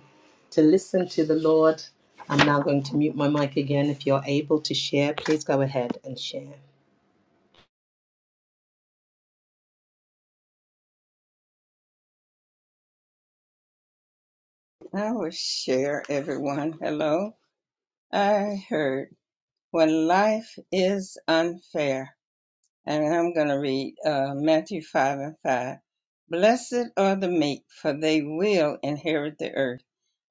to listen to the Lord. I'm now going to mute my mic again. If you're able to share, please go ahead and share. I will share, everyone. Hello. I heard when life is unfair and I'm going to read uh, Matthew 5 and 5. Blessed are the meek, for they will inherit the earth.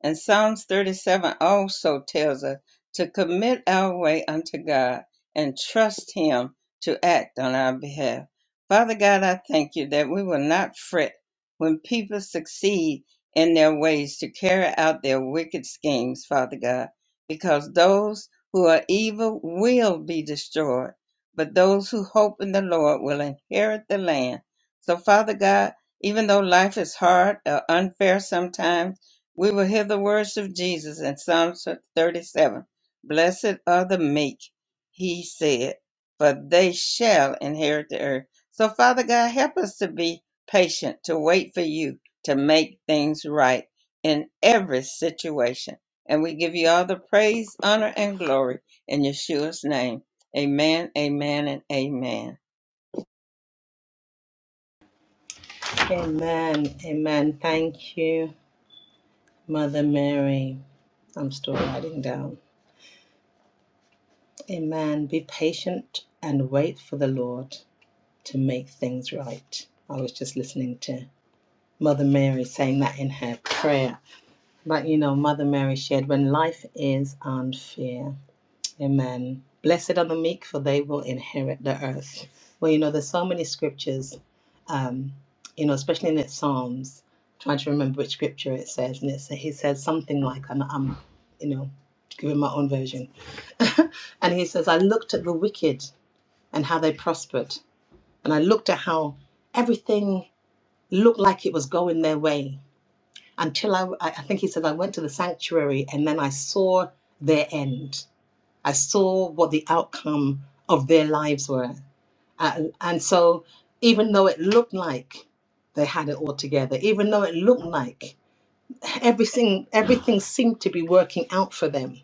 And Psalms 37 also tells us to commit our way unto God and trust Him to act on our behalf. Father God, I thank you that we will not fret when people succeed in their ways to carry out their wicked schemes, Father God, because those who are evil will be destroyed but those who hope in the Lord will inherit the land. So, Father God, even though life is hard or unfair sometimes, we will hear the words of Jesus in Psalm 37 Blessed are the meek, he said, for they shall inherit the earth. So, Father God, help us to be patient, to wait for you to make things right in every situation. And we give you all the praise, honor, and glory in Yeshua's name. Amen, amen, and amen. Amen. Amen. Thank you, Mother Mary. I'm still writing down. Amen. Be patient and wait for the Lord to make things right. I was just listening to Mother Mary saying that in her prayer. But you know, Mother Mary shared when life is unfair. Amen. Blessed are the meek, for they will inherit the earth. Well, you know, there's so many scriptures, um, you know, especially in the Psalms. I'm trying to remember which scripture it says, and it's, he says something like, "I'm, I'm, you know, giving my own version," and he says, "I looked at the wicked and how they prospered, and I looked at how everything looked like it was going their way until I, I I think he said, I went to the sanctuary and then I saw their end." I saw what the outcome of their lives were. And, and so, even though it looked like they had it all together, even though it looked like everything everything seemed to be working out for them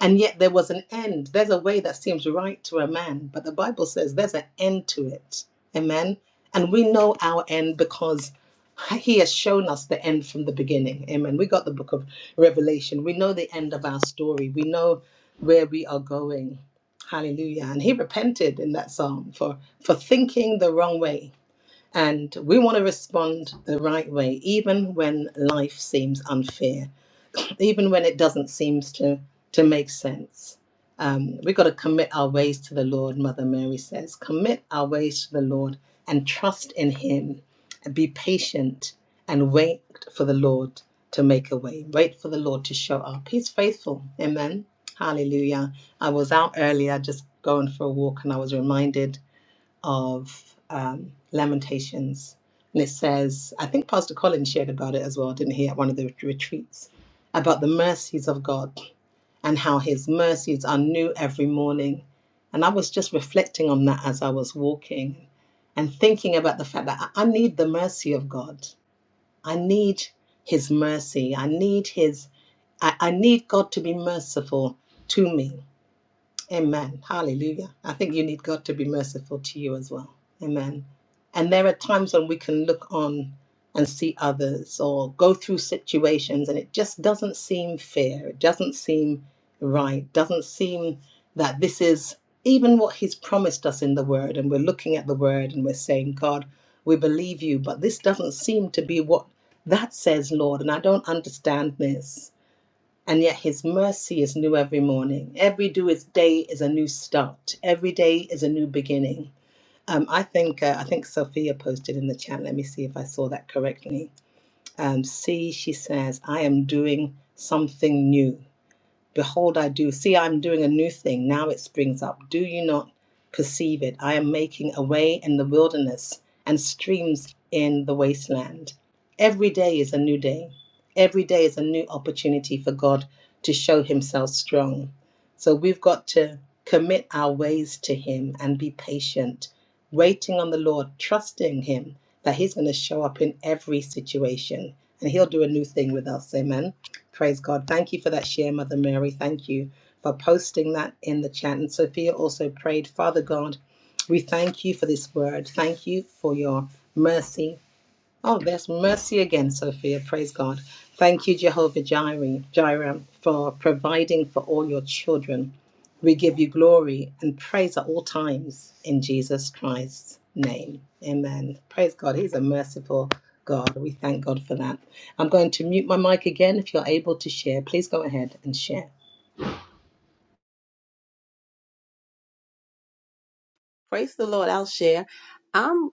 and yet there was an end there's a way that seems right to a man but the bible says there's an end to it amen and we know our end because he has shown us the end from the beginning amen we got the book of revelation we know the end of our story we know where we are going hallelujah and he repented in that psalm for for thinking the wrong way and we want to respond the right way, even when life seems unfair, even when it doesn't seem to, to make sense. Um, we've got to commit our ways to the Lord, Mother Mary says. Commit our ways to the Lord and trust in Him. And be patient and wait for the Lord to make a way. Wait for the Lord to show up. He's faithful. Amen. Hallelujah. I was out earlier just going for a walk and I was reminded of um, Lamentations. And it says, I think Pastor Colin shared about it as well, didn't he, at one of the retreats, about the mercies of God and how his mercies are new every morning. And I was just reflecting on that as I was walking and thinking about the fact that I I need the mercy of God. I need his mercy. I need his, I, I need God to be merciful to me. Amen. Hallelujah. I think you need God to be merciful to you as well. Amen. And there are times when we can look on and see others or go through situations and it just doesn't seem fair. It doesn't seem right. Doesn't seem that this is even what He's promised us in the Word. And we're looking at the Word and we're saying, God, we believe you, but this doesn't seem to be what that says, Lord. And I don't understand this and yet his mercy is new every morning. Every do is day is a new start. Every day is a new beginning. Um, I think uh, I think Sophia posted in the chat. Let me see if I saw that correctly. Um, see, she says, I am doing something new. Behold, I do. See, I'm doing a new thing. Now it springs up. Do you not perceive it? I am making a way in the wilderness and streams in the wasteland. Every day is a new day. Every day is a new opportunity for God to show himself strong. So we've got to commit our ways to him and be patient, waiting on the Lord, trusting him that he's going to show up in every situation and he'll do a new thing with us. Amen. Praise God. Thank you for that share, Mother Mary. Thank you for posting that in the chat. And Sophia also prayed, Father God, we thank you for this word. Thank you for your mercy. Oh, there's mercy again, Sophia. Praise God. Thank you, Jehovah Jireh, Jireh, for providing for all your children. We give you glory and praise at all times in Jesus Christ's name. Amen. Praise God. He's a merciful God. We thank God for that. I'm going to mute my mic again. If you're able to share, please go ahead and share. Praise the Lord. I'll share. I'm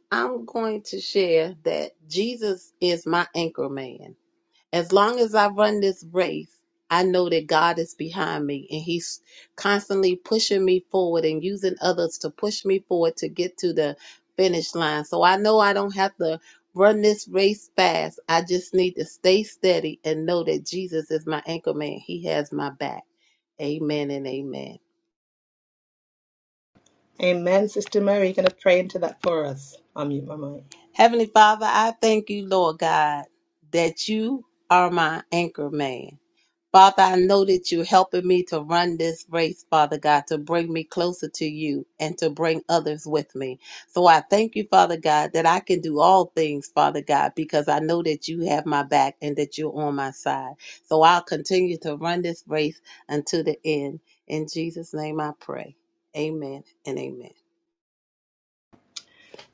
Amen. Sister Mary, you're going to pray into that for us. I'll mute my mic.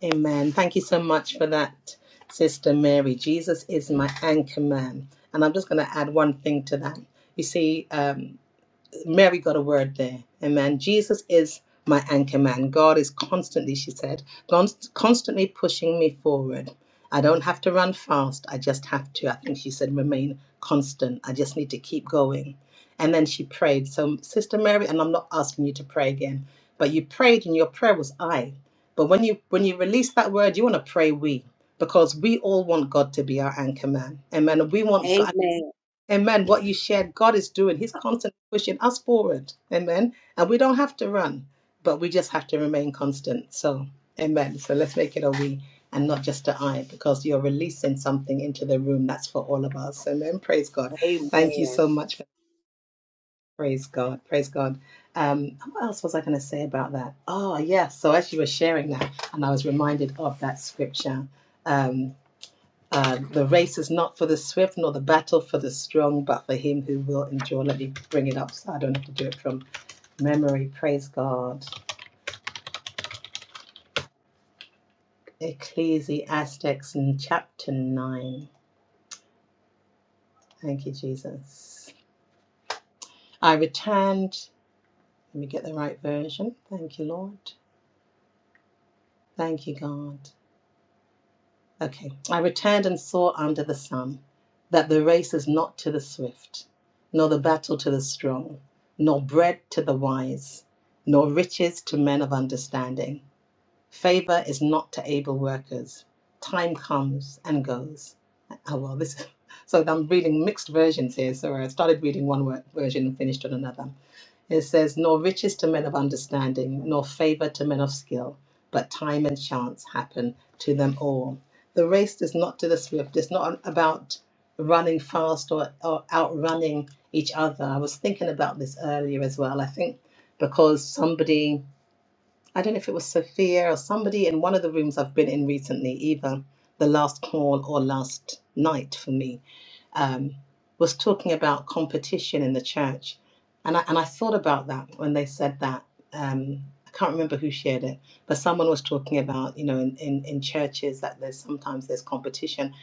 Amen. Thank you so much for that, Sister Mary. Jesus is my anchor man. And I'm just going to add one thing to that. You see, um, Mary got a word there. Amen. Jesus is my anchor man. God is constantly, she said, const- constantly pushing me forward. I don't have to run fast. I just have to, I think she said, remain constant. I just need to keep going. And then she prayed. So, Sister Mary, and I'm not asking you to pray again, but you prayed and your prayer was I. But when you when you release that word, you want to pray we because we all want God to be our anchor man. Amen. We want God. Amen. What you shared, God is doing. He's constantly pushing us forward. Amen. And we don't have to run, but we just have to remain constant. So, amen. So let's make it a we and not just a I because you're releasing something into the room that's for all of us. Amen. Praise God. Thank you so much. For, praise God. Praise God. Um, what else was I going to say about that? Oh, yes. So as you were sharing that, and I was reminded of that scripture. Um, uh, the race is not for the swift, nor the battle for the strong, but for him who will endure. Let me bring it up so I don't have to do it from memory. Praise God. Ecclesiastes, in chapter 9. Thank you, Jesus. I returned. Let me get the right version. Thank you, Lord. Thank you, God. Okay. I returned and saw under the sun that the race is not to the swift, nor the battle to the strong, nor bread to the wise, nor riches to men of understanding. Favor is not to able workers. Time comes and goes. Oh, well, this. So I'm reading mixed versions here. So I started reading one wor- version and finished on another. It says, Nor riches to men of understanding, nor favor to men of skill, but time and chance happen to them all. The race is not to the swift, it's not about running fast or, or outrunning each other. I was thinking about this earlier as well. I think because somebody I don't know if it was Sophia or somebody in one of the rooms I've been in recently, either the last call or last night for me, um, was talking about competition in the church. And I, and I thought about that when they said that. Um, I can't remember who shared it, but someone was talking about, you know, in, in, in churches that there's sometimes there's competition.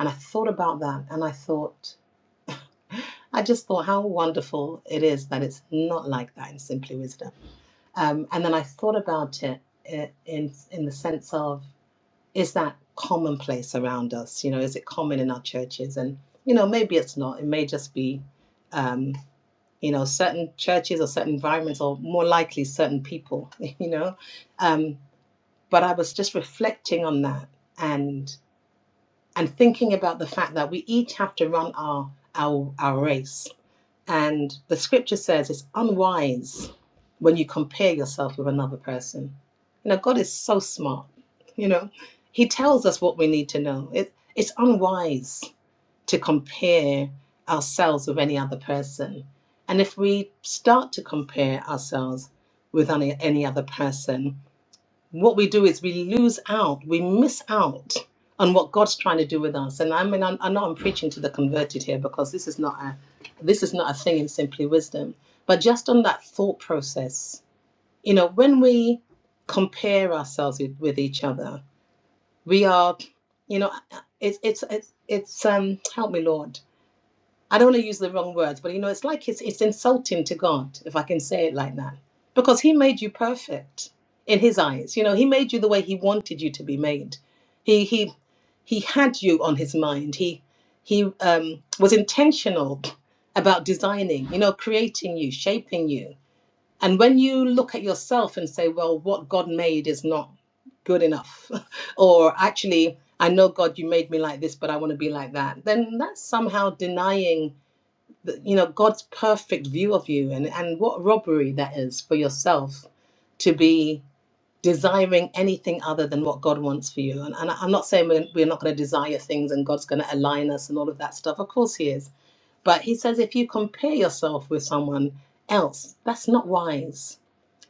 And I thought about that and I thought, I just thought how wonderful it is that it's not like that in Simply Wisdom um, and then I thought about it in in the sense of is that commonplace around us? You know, is it common in our churches? And you know, maybe it's not. It may just be, um, you know, certain churches or certain environments, or more likely certain people. You know, um, but I was just reflecting on that and and thinking about the fact that we each have to run our our our race and the scripture says it's unwise when you compare yourself with another person. You know, God is so smart. You know, He tells us what we need to know. It, it's unwise to compare ourselves with any other person. And if we start to compare ourselves with any, any other person, what we do is we lose out, we miss out on what God's trying to do with us. And I mean, I, I know I'm preaching to the converted here because this is not a this is not a thing in simply wisdom, but just on that thought process, you know, when we compare ourselves with, with each other, we are, you know, it's it's it's it's um help me Lord I don't want to use the wrong words, but you know, it's like it's it's insulting to God if I can say it like that, because He made you perfect in His eyes. You know, He made you the way He wanted you to be made. He he he had you on His mind. He he um, was intentional about designing, you know, creating you, shaping you. And when you look at yourself and say, well, what God made is not good enough, or actually, I know God, you made me like this, but I want to be like that, then that's somehow denying you know god's perfect view of you and and what robbery that is for yourself to be desiring anything other than what god wants for you and, and i'm not saying we're, we're not going to desire things and god's going to align us and all of that stuff of course he is but he says if you compare yourself with someone else that's not wise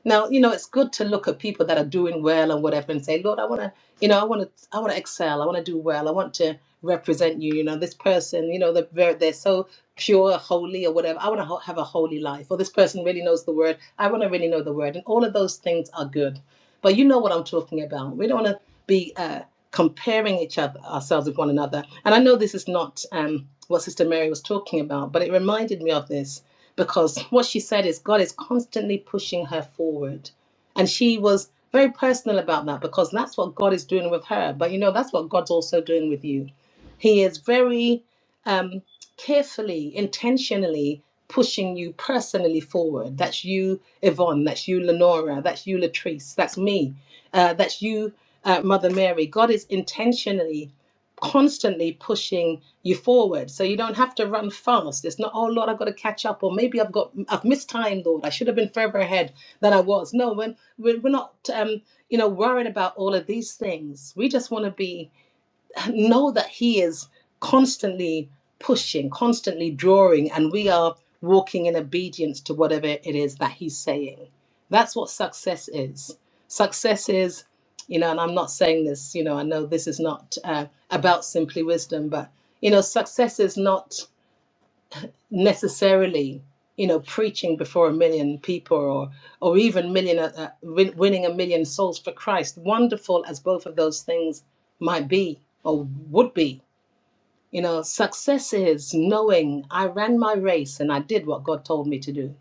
now, you know, it's good to look at people that are doing well and whatever and say, Lord, I want to, you know, I want to, I want to excel. I want to do well. I want to represent you. You know, this person, you know, they're, very- they're so pure, holy or whatever. I want to ho- have a holy life. Or this person really knows the word. I want to really know the word. And all of those things are good. But you know what I'm talking about. We don't want to be uh, comparing each other, ourselves with one another. And I know this is not um, what Sister Mary was talking about, but it reminded me of this because what she said is God is constantly pushing her forward. And she was very personal about that because that's what God is doing with her. But you know, that's what God's also doing with you. He is very um, carefully, intentionally pushing you personally forward. That's you, Yvonne. That's you, Lenora. That's you, Latrice. That's me. Uh, that's you, uh, Mother Mary. God is intentionally, constantly pushing you forward. So you don't have to run fast. It's not, oh Lord, I've got to catch up, or maybe I've got I've missed time, Lord. I should have been further ahead than I was. No, when we're, we're not um, you know, worrying about all of these things. We just want to be know that he is constantly pushing constantly drawing and we are walking in obedience to whatever it is that he's saying that's what success is success is you know and i'm not saying this you know i know this is not uh, about simply wisdom but you know success is not necessarily you know preaching before a million people or or even million uh, uh, win- winning a million souls for christ wonderful as both of those things might be or would be you know, success is knowing I ran my race and I did what God told me to do.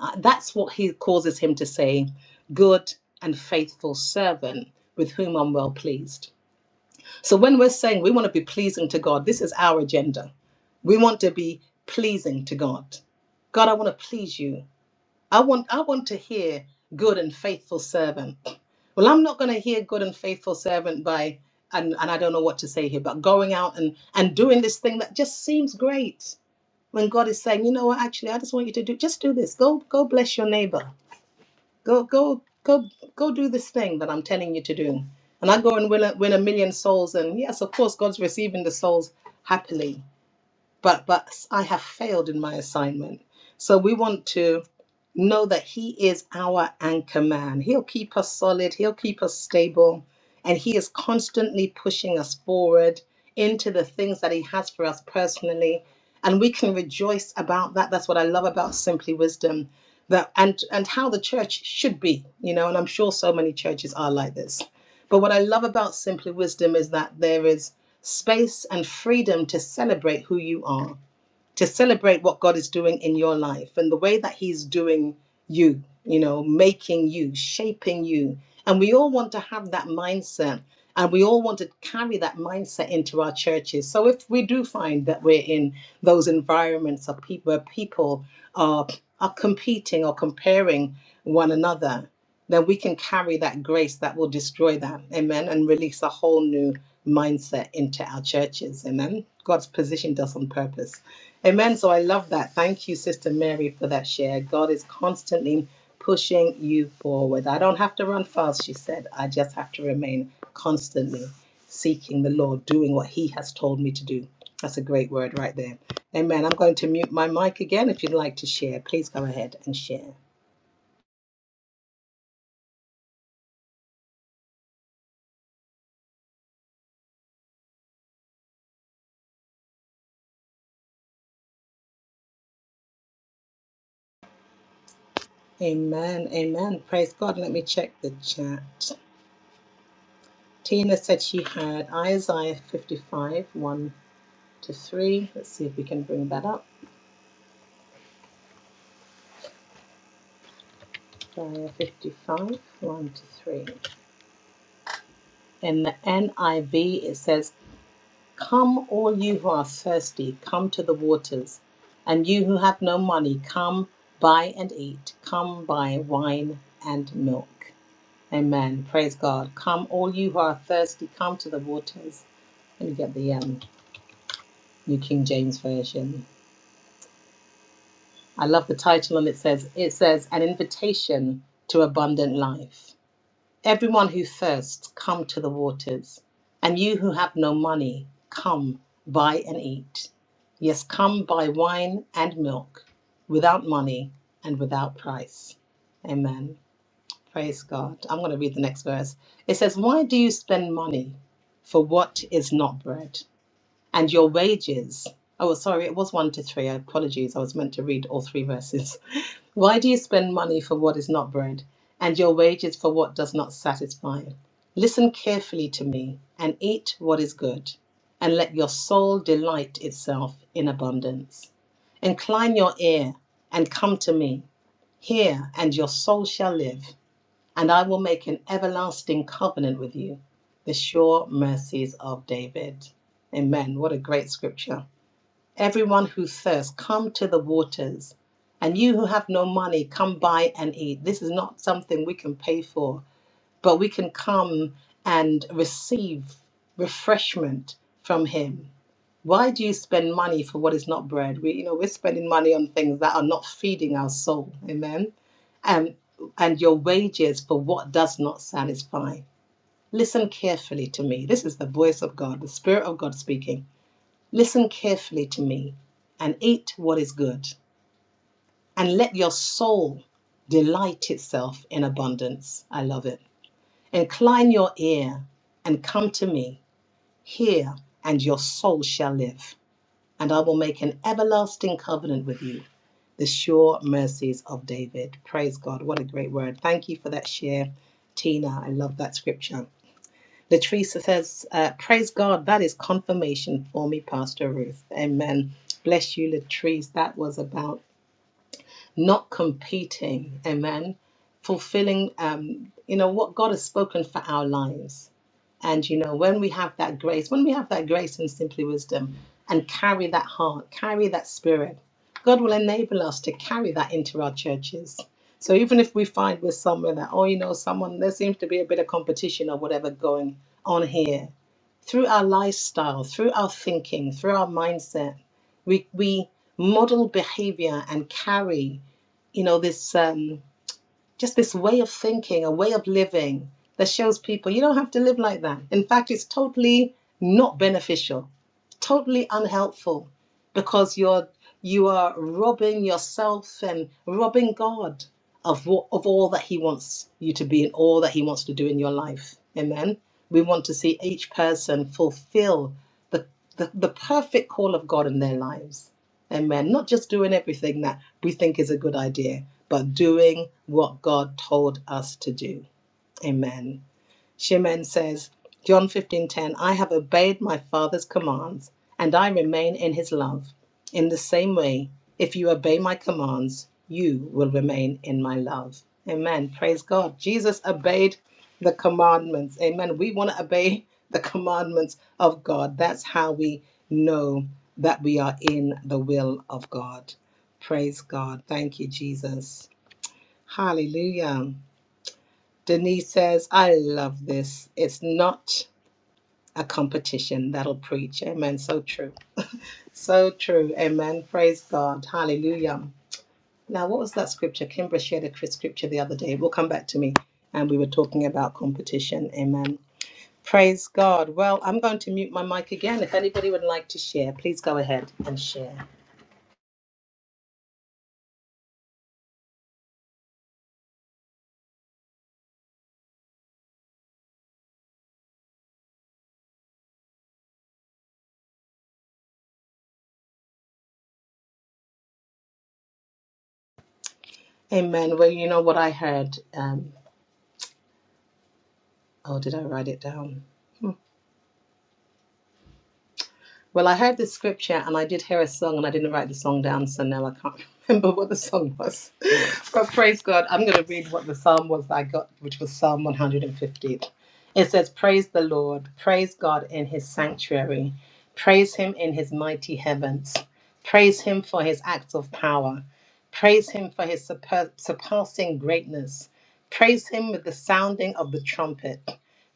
Uh, That's what he causes him to say, good and faithful servant with whom I'm well pleased. So when we're saying we want to be pleasing to God, this is our agenda. We want to be pleasing to God. God, I want to please you. I want I want to hear good and faithful servant. Well, I'm not going to hear good and faithful servant by and and I don't know what to say here, but going out and and doing this thing that just seems great when God is saying, you know what, actually, I just want you to do just do this. Go go bless your neighbor. Go go go go do this thing that I'm telling you to do. And I go and win a, win a million souls, and yes, of course, God's receiving the souls happily but but I have failed in my assignment. So we want to know that he is our anchor man. He'll keep us solid, he'll keep us stable, and he is constantly pushing us forward into the things that he has for us personally. And we can rejoice about that. That's what I love about Simply Wisdom. That and and how the church should be, you know, and I'm sure so many churches are like this. But what I love about Simply Wisdom is that there is space and freedom to celebrate who you are, to celebrate what God is doing in your life and the way that He's doing you, you know, making you, shaping you. And we all want to have that mindset and we all want to carry that mindset into our churches. So if we do find that we're in those environments of people where people are are competing or comparing one another, then we can carry that grace that will destroy that. Amen. And release a whole new mindset into our churches. Amen. God's positioned us on purpose. Amen. So I love that. Thank you, Sister Mary, for that share. God is constantly pushing you forward. I don't have to run fast, she said. I just have to remain constantly seeking the Lord, doing what He has told me to do. That's a great word right there. Amen. I'm going to mute my mic again. If you'd like to share, please go ahead and share. Amen. Amen. Praise God. Let me check the chat. Tina said she had Isaiah 55, 1 to 3. Let's see if we can bring that up. Isaiah 55, 1 to 3. In the NIV, it says, Come, all you who are thirsty, come to the waters. And you who have no money, come buy and eat. Come buy wine and milk. Amen. Praise God. Come, all you who are thirsty, come to the waters. Let me get the um, New King James Version. I love the title and it says it says an invitation to abundant life. Everyone who thirsts, come to the waters, and you who have no money, come buy and eat. Yes, come buy wine and milk without money and without price. Amen. Praise God. I'm going to read the next verse. It says, "Why do you spend money for what is not bread, and your wages?" Oh, sorry, it was one to three. Apologies, I was meant to read all three verses. Why do you spend money for what is not bread, and your wages for what does not satisfy? Listen carefully to me, and eat what is good, and let your soul delight itself in abundance. Incline your ear, and come to me. Hear, and your soul shall live, and I will make an everlasting covenant with you. The sure mercies of David. Amen. What a great scripture. Everyone who thirsts, come to the waters. And you who have no money, come buy and eat. This is not something we can pay for, but we can come and receive refreshment from him. Why do you spend money for what is not bread? We, you know, we're spending money on things that are not feeding our soul. Amen. And and your wages for what does not satisfy. Listen carefully to me. This is the voice of God, the Spirit of God speaking. Listen carefully to me and eat what is good, and let your soul delight itself in abundance. I love it. Incline your ear and come to me. Hear, and your soul shall live. And I will make an everlasting covenant with you. The sure mercies of David. Praise God. What a great word. Thank you for that share, Tina. I love that scripture. Latrice says, uh, Praise God, that is confirmation for me, Pastor Ruth. Amen. Bless you, Latrice. That was about not competing. Amen. Fulfilling, um, you know, what God has spoken for our lives. And, you know, when we have that grace, when we have that grace and simply wisdom and carry that heart, carry that spirit, God will enable us to carry that into our churches. So even if we find we're somewhere that, oh, you know, someone, there seems to be a bit of competition or whatever going on here, through our lifestyle, through our thinking, through our mindset, we, we model behavior and carry you know, this um, just this way of thinking, a way of living that shows people you don't have to live like that. In fact, it's totally not beneficial, totally unhelpful, because you're you are robbing yourself and robbing God of what, of all that He wants you to be and all that He wants to do in your life. Amen. We want to see each person fulfill the, the, the perfect call of God in their lives Amen. Not just doing everything that we think is a good idea, but doing what God told us to do. Amen. Shimen says, John 15:10, I have obeyed my father's commands, and I remain in his love. In the same way, if you obey my commands, you will remain in my love. Amen. Praise God. Jesus obeyed the commandments. Amen. We want to obey the commandments of God. That's how we know that we are in the will of God. Praise God. Thank you, Jesus. Hallelujah. Denise says, I love this. It's not a competition that'll preach. Amen. So true. So true. Amen. Praise God. Hallelujah. Now, what was that scripture? Kimbra shared a cri- scripture the other day. It will come back to me. And we were talking about competition. Amen. Praise God. Well, I'm going to mute my mic again. If anybody would like to share, please go ahead and share. Amen. Well, you know what I heard. Um, oh, did I write it down? Well, I heard the scripture and I did hear a song and I didn't write the song down, so now I can't remember what the song was. But praise God, I'm going to read what the psalm was that I got, which was Psalm 115. It says, Praise the Lord, praise God in his sanctuary, praise him in his mighty heavens, praise him for his acts of power, praise him for his surpa- surpassing greatness, praise him with the sounding of the trumpet,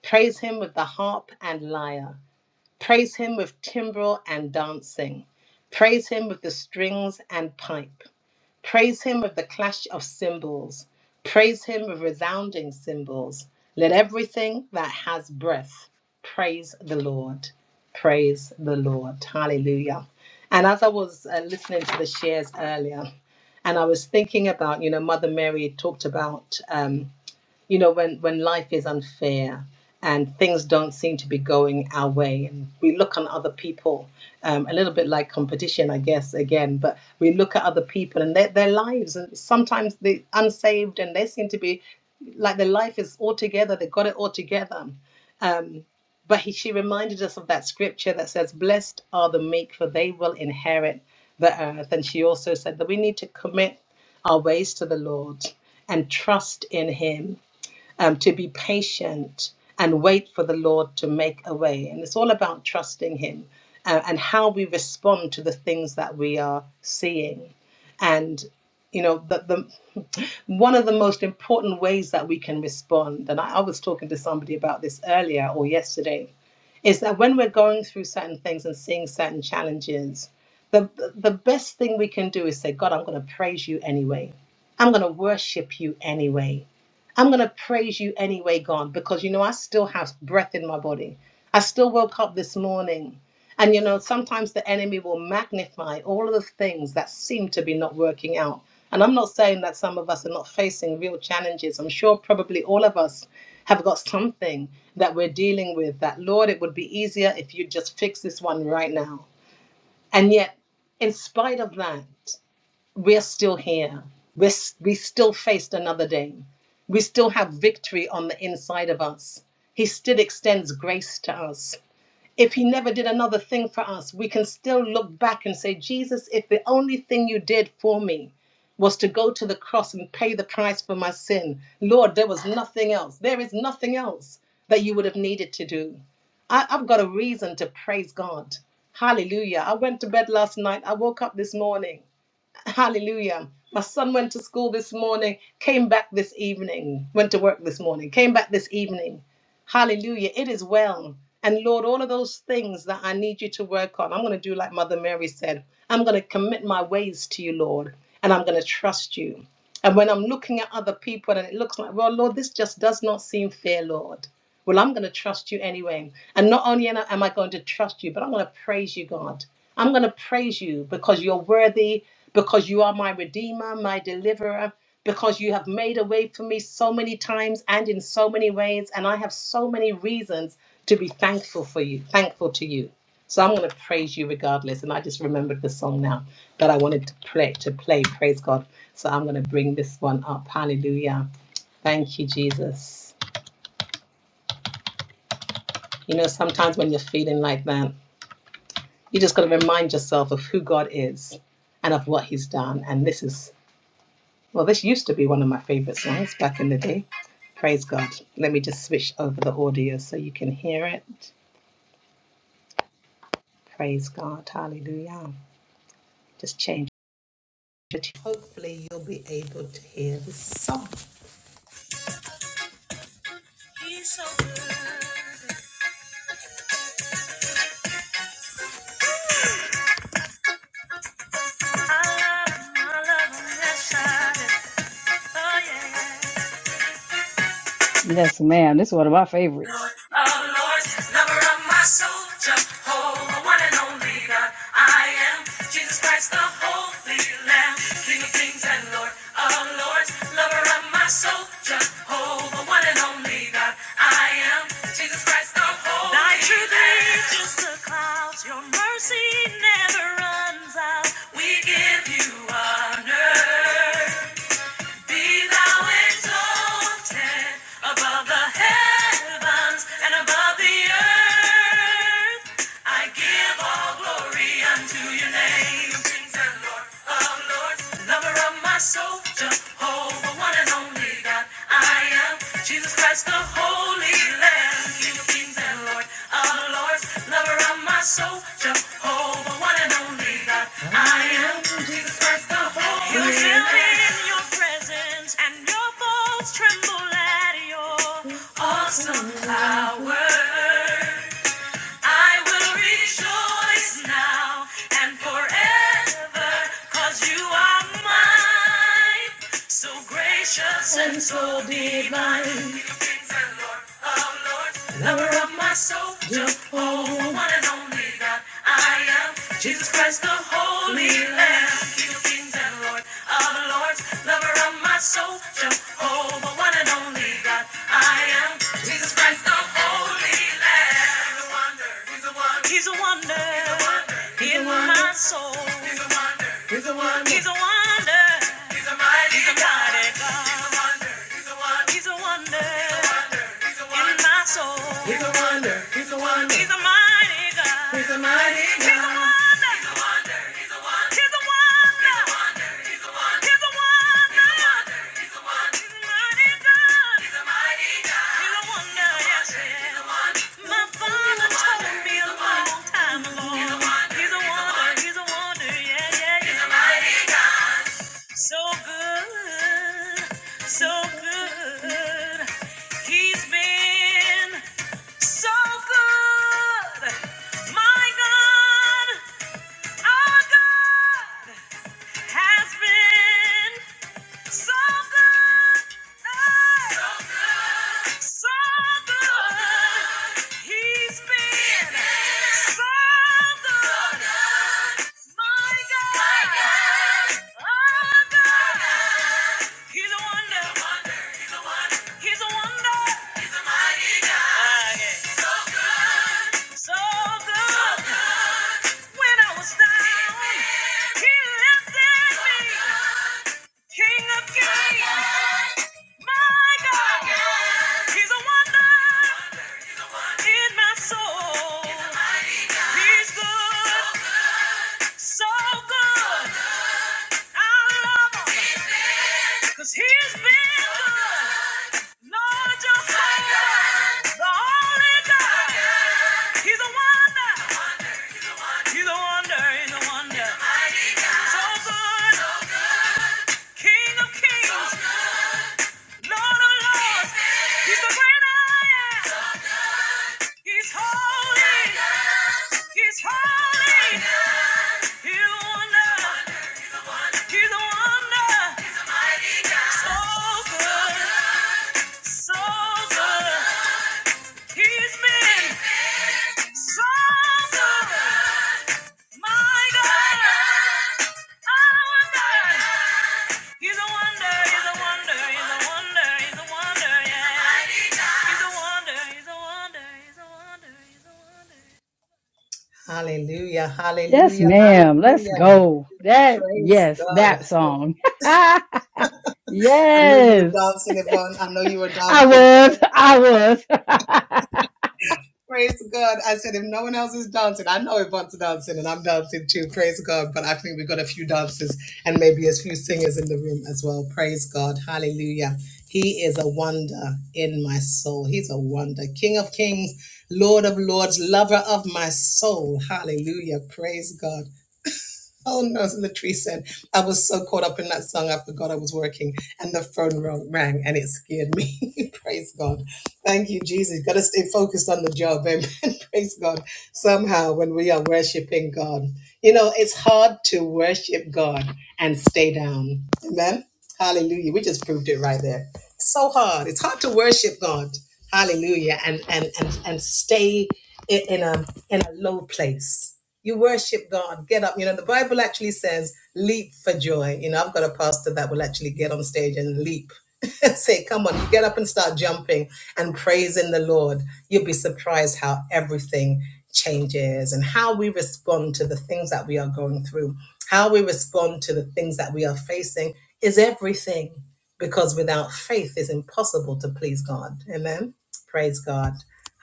praise him with the harp and lyre. Praise him with timbrel and dancing. Praise him with the strings and pipe. Praise him with the clash of cymbals. Praise him with resounding cymbals. Let everything that has breath praise the Lord. Praise the Lord. Hallelujah. And as I was uh, listening to the shares earlier, and I was thinking about, you know, Mother Mary talked about. um, you know when when life is unfair and things don't seem to be going our way and we look on other people um, a little bit like competition i guess again but we look at other people and their, their lives and sometimes they're unsaved and they seem to be like their life is all together they got it all together but he, she reminded us of that scripture that says blessed are the meek for they will inherit the earth and she also said that we need to commit our ways to the lord and trust in him um, to be patient and wait for the Lord to make a way. And it's all about trusting Him uh, and how we respond to the things that we are seeing. And you know, the, the one of the most important ways that we can respond, and I, I was talking to somebody about this earlier or yesterday, is that when we're going through certain things and seeing certain challenges, the, the best thing we can do is say, God, I'm going to praise you anyway. I'm going to worship you anyway. I'm going to praise you anyway, God, because you know, I still have breath in my body. I still woke up this morning. And you know, sometimes the enemy will magnify all of the things that seem to be not working out. And I'm not saying that some of us are not facing real challenges. I'm sure probably all of us have got something that we're dealing with that, Lord, it would be easier if you just fix this one right now. And yet, in spite of that, we're still here. We're, s- we still faced another day. We still have victory on the inside of us. He still extends grace to us if he never did another thing for us, we can still look back and say, Jesus, if the only thing you did for me was to go to the cross and pay the price for my sin, Lord, there was nothing else. There is nothing else that you would have needed to do. I, I've got a reason to praise God. Hallelujah. I went to bed last night. I woke up this morning. Hallelujah. My son went to school this morning, came back this evening, went to work this morning, came back this evening. Hallelujah. It is well. And Lord, all of those things that I need you to work on, I'm going to do like Mother Mary said. I'm going to commit my ways to you, Lord, and I'm going to trust you. And when I'm looking at other people and it looks like, well, Lord, this just does not seem fair, Lord. Well, I'm going to trust you anyway. And not only am I am I going to trust you, but I'm going to praise you, God. I'm going to praise you because you're worthy, because you are my redeemer, my deliverer because you have made a way for me so many times and in so many ways and i have so many reasons to be thankful for you thankful to you so i'm going to praise you regardless and i just remembered the song now that i wanted to play to play praise god so i'm going to bring this one up hallelujah thank you jesus you know sometimes when you're feeling like that you just got to remind yourself of who god is and of what he's done and this is Well, this used to be one of my favorite songs back in the day. Praise God. Let me just switch over the audio so you can hear it. Praise God. Hallelujah. Just change it. Hopefully, you'll be able to hear the song. He's so good. I love him. I love him. Yes, I do. Oh, yeah. Yes, ma'am. This is one of my favorites. yeah. lover of my soul, Jehovah, the one and only God. I am Jesus Christ, the Holy Lamb, King of kings and Lord of lords, lover of my soul, Jehovah, the one and only God. I am Jesus Christ, the Holy Lamb. Thy truth Lamb. reaches the clouds, your mercy never runs out. We give you honor. Be thou exalted above the heavens and above the earth. I give all glory unto your name, King and Lord of lords, lover of my soul, Jehovah, one and only God. I am Jesus Christ, the Holy Lamb, King and Lord of lords, lover of my soul, Jehovah, one and only God. I am Jesus Christ, the Holy You're still in your presence, and your bones tremble at your awesome power. I will rejoice now and forever, you are mine. So gracious and so divine. King and Lord of lords, lover of my soul, Jehovah, one and only God, I am Jesus Christ, the Holy Lamb. King of kings and Lord of lords hearts, lover of my soul, Jehovah, one and only God. I am Jesus Christ, the Holy Lamb. He's a wonder. He's a wonder. He's a wonder. He's a wonder. In my soul. He's a wonder. He's a wonder. He's a wonder. He's a mighty He's a God. mighty God. He's a wonder. He's a wonder. He's a wonder. He's a wonder. In my soul. He's a wonder. He's a wonder. He's a mighty God. He's a mighty God. He's a wonder. He's a wonder. He's a wonder. He's a wonder. He's a wonder. He's a wonder. So good, so good. He's been so good. My God, our God has been. So good, hey. so good, so good. He's been so good, my God, my God. oh God. He's a wonder, he's a wonder, he's a wonder, he's a mighty God. Ah, yeah. So good, so good, so good. When I was down, he lifted me. King of kings, my God, He's a wonder in my soul. He's good, so good. I love Him, cause He's been good. Lord, your soul, the only God. He's a wonder, He's a wonder, He's a wonder. So good, King of kings. Lord, oh Lord, He's the great I am. He's holy. He's holy. He's a wonder. He's a wonder. So good. So good. He's been so good. My God. Our God. He's a wonder, he's a wonder, he's a wonder, he's a wonder, yeah. He's a wonder, he's a wonder, he's a wonder, he's a wonder. Hallelujah, Yes, hallelujah, ma'am. Let's hallelujah. go. That, Praise yes, that God. song. I know you were yes, dancing, Yvonne. I know you were I dancing. was. I was. Praise God. I said, if no one else is dancing, I know Yvonne's dancing and I'm dancing too. Praise God. But I think we've got a few dancers and maybe a few singers in the room as well. Praise God. Hallelujah. He is a wonder in my soul. He's a wonder. King of kings, Lord of lords, lover of my soul. Hallelujah. Praise God. Oh no, as Latrice said, I was so caught up in that song, I forgot I was working, and the phone rang, rang and it scared me. Praise God. Thank you, Jesus. Got to stay focused on the job. Amen. Praise God. Somehow, when we are worshiping God, you know, it's hard to worship God and stay down. Amen. Hallelujah. We just proved it right there. It's so hard. It's hard to worship God. Hallelujah. And and and, and stay i- in a in a low place. You worship God. Get up. You know, the Bible actually says leap for joy. You know, I've got a pastor that will actually get on stage and leap. Say, come on, you get up and start jumping and praising the Lord. You'll be surprised how everything changes and how we respond to the things that we are going through. How we respond to the things that we are facing is everything because without faith it's impossible to please God. Amen. Praise God.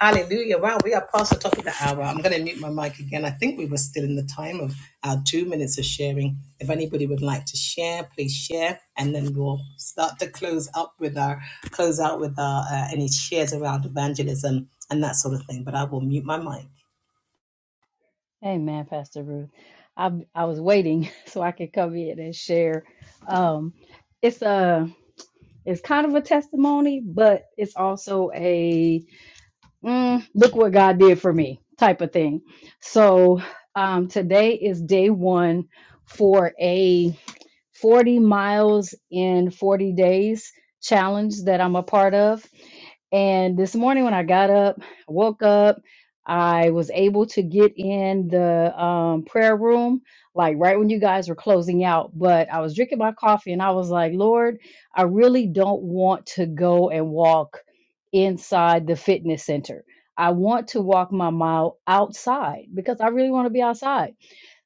Hallelujah. Wow, we are past the top of the hour. I'm going to mute my mic again. I think we were still in the time of our two minutes of sharing. If anybody would like to share, please share. And then we'll start to close up with our, close out with our, uh, any shares around evangelism and that sort of thing. But I will mute my mic. Amen, Pastor Ruth. I, I was waiting so I could come in and share. Um, it's a, it's kind of a testimony, but it's also a mm, look what God did for me type of thing. So um, today is day one for a 40 miles in 40 days challenge that I'm a part of. And this morning when I got up, woke up, I was able to get in the um, prayer room, like right when you guys were closing out. But I was drinking my coffee and I was like, Lord, I really don't want to go and walk inside the fitness center. I want to walk my mile outside because I really want to be outside.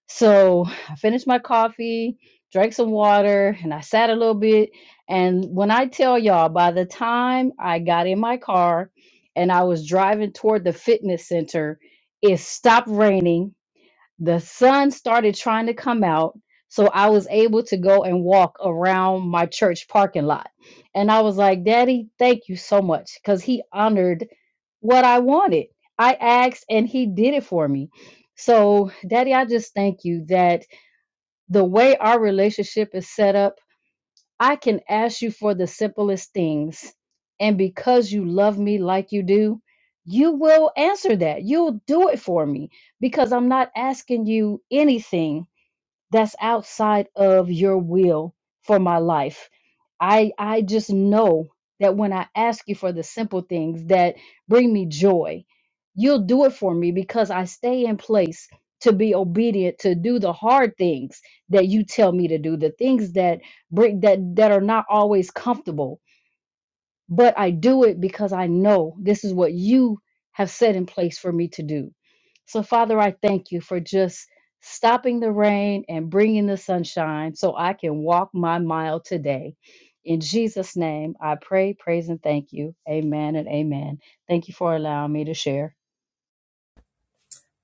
So I finished my coffee, drank some water, and I sat a little bit. And when I tell y'all, by the time I got in my car and I was driving toward the fitness center, it stopped raining the sun started trying to come out so i was able to go and walk around my church parking lot and i was like daddy thank you so much because he honored what i wanted i asked and he did it for me so daddy i just thank you that the way our relationship is set up I can ask you for the simplest things. And because you love me like you do, you will answer that. You'll do it for me because I'm not asking you anything that's outside of your will for my life. I I just know that when I ask you for the simple things that bring me joy, you'll do it for me because I stay in place to be obedient to do the hard things that you tell me to do, the things that bring that that are not always comfortable but I do it because I know this is what you have set in place for me to do. So, Father, I thank you for just stopping the rain and bringing the sunshine so I can walk my mile today. In Jesus' name, I pray, praise, and thank you. Amen and amen. Thank you for allowing me to share.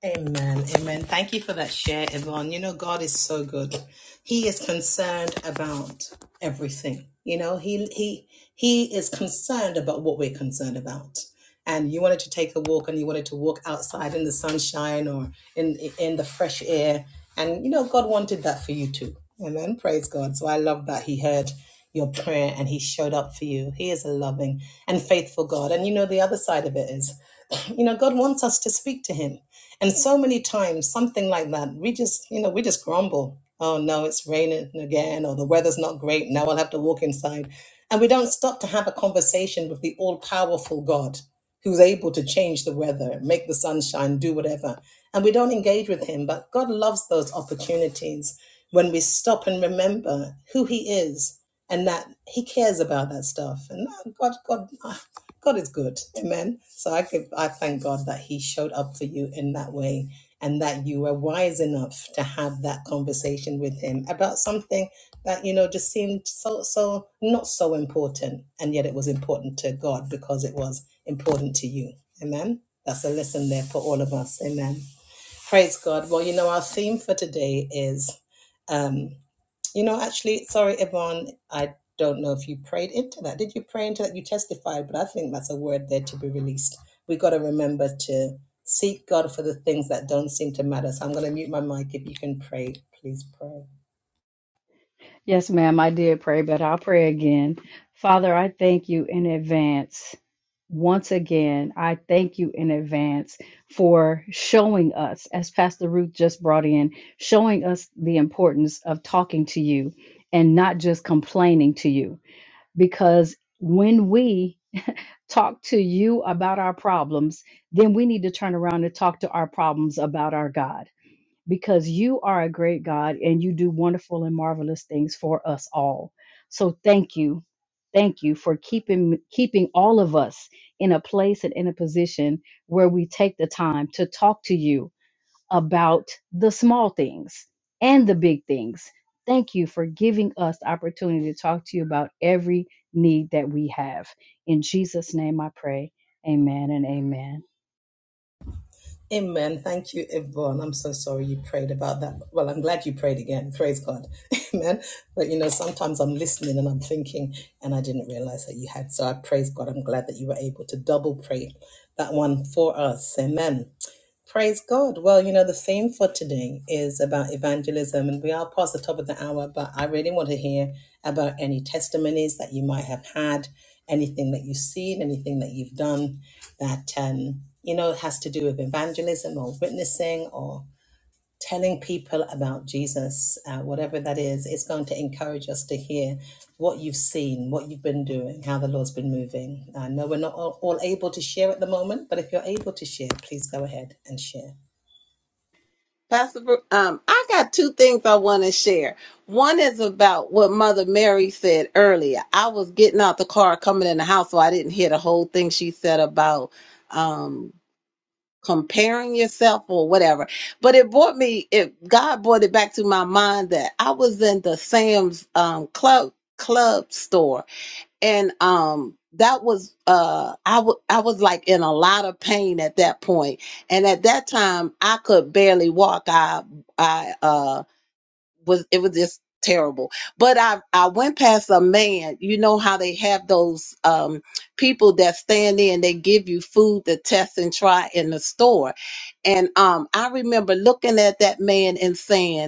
Amen. Amen. Thank you for that share, Yvonne. You know, God is so good. He is concerned about everything. You know, he he he is concerned about what we're concerned about. And you wanted to take a walk and you wanted to walk outside in the sunshine or in in the fresh air. And you know, God wanted that for you too. Amen. Praise God. So I love that He heard your prayer and He showed up for you. He is a loving and faithful God. And you know, the other side of it is, you know, God wants us to speak to Him. And so many times, something like that, we just, you know, we just grumble. Oh no, it's raining again, or the weather's not great. Now I'll have to walk inside. And we don't stop to have a conversation with the all powerful God who's able to change the weather, make the sunshine, do whatever. And we don't engage with him. But God loves those opportunities when we stop and remember who he is and that he cares about that stuff. And uh, God, God, uh, God is good. Amen. So I could I thank God that He showed up for you in that way and that you were wise enough to have that conversation with him about something that you know just seemed so so not so important and yet it was important to God because it was important to you. Amen. That's a lesson there for all of us. Amen. Praise God. Well, you know, our theme for today is um you know, actually, sorry, Yvonne, I don't know if you prayed into that. Did you pray into that? You testified, but I think that's a word there to be released. We got to remember to seek God for the things that don't seem to matter. So I'm going to mute my mic. If you can pray, please pray. Yes, ma'am, I did pray, but I'll pray again. Father, I thank you in advance. Once again, I thank you in advance for showing us, as Pastor Ruth just brought in, showing us the importance of talking to you and not just complaining to you. Because when we talk to you about our problems, then we need to turn around and talk to our problems about our God because you are a great God and you do wonderful and marvelous things for us all. So thank you. Thank you for keeping keeping all of us in a place and in a position where we take the time to talk to you about the small things and the big things. Thank you for giving us the opportunity to talk to you about every need that we have. In Jesus' name I pray. Amen and amen. Amen. Thank you, Yvonne. I'm so sorry you prayed about that. Well, I'm glad you prayed again. Praise God. Amen. But you know, sometimes I'm listening and I'm thinking, and I didn't realize that you had. So I praise God. I'm glad that you were able to double pray that one for us. Amen. Praise God. Well, you know, the theme for today is about evangelism, and we are past the top of the hour, but I really want to hear about any testimonies that you might have had, anything that you've seen, anything that you've done that, um, you know, has to do with evangelism or witnessing or telling people about Jesus, uh, whatever that is. It's going to encourage us to hear what you've seen, what you've been doing, how the Lord's been moving. I know we're not all, all able to share at the moment, but if you're able to share, please go ahead and share. Pastor. Bru- Um, I got two things I want to share. One is about what Mother Mary said earlier. I was getting out the car, coming in the house, so I didn't hear the whole thing she said about um, comparing yourself or whatever. But it brought me. It God brought it back to my mind that I was in the Sam's um, Club Club store and um that was uh I wa- I was like in a lot of pain at that point and at that time i could barely walk i i uh was it was just terrible but i i went past a man you know how they have those um people that stand in they give you food to test and try in the store and um i remember looking at that man and saying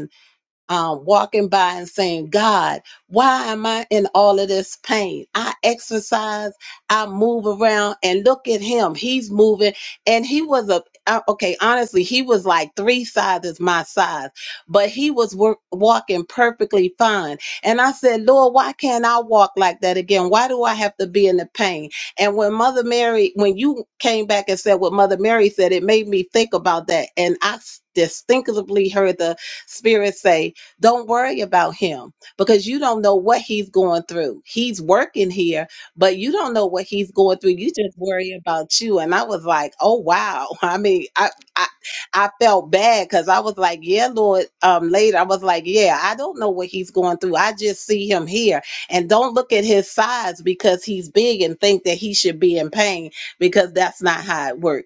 um, walking by and saying, God, why am I in all of this pain? I exercise, I move around, and look at him. He's moving. And he was a, uh, okay, honestly, he was like three sizes my size, but he was work, walking perfectly fine. And I said, Lord, why can't I walk like that again? Why do I have to be in the pain? And when Mother Mary, when you came back and said what Mother Mary said, it made me think about that. And I s- distinctively heard the Spirit say, don't worry about him because you don't know what he's going through. He's working here, but you don't know what he's going through. You just worry about you. And I was like, oh wow. I mean, I I, I felt bad because I was like, yeah, Lord. Um, later I was like, yeah, I don't know what he's going through. I just see him here, and don't look at his size because he's big and think that he should be in pain because that's not how it works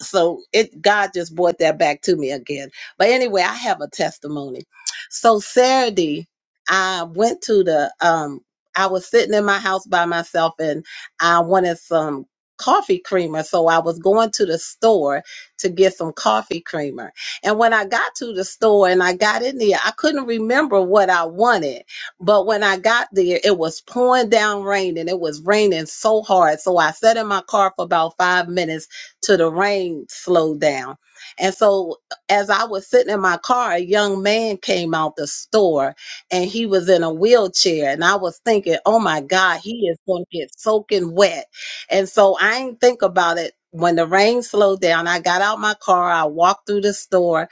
so it God just brought that back to me again. But anyway, I have a testimony. So Saturday, I went to the um I was sitting in my house by myself and I wanted some coffee creamer. So I was going to the store to get some coffee creamer. And when I got to the store and I got in there, I couldn't remember what I wanted. But when I got there, it was pouring down rain and it was raining so hard. So I sat in my car for about five minutes till the rain slowed down. And so as I was sitting in my car, a young man came out the store and he was in a wheelchair. And I was thinking, oh my God, he is going to get soaking wet. And so I didn't think about it. When the rain slowed down, I got out my car, I walked through the store,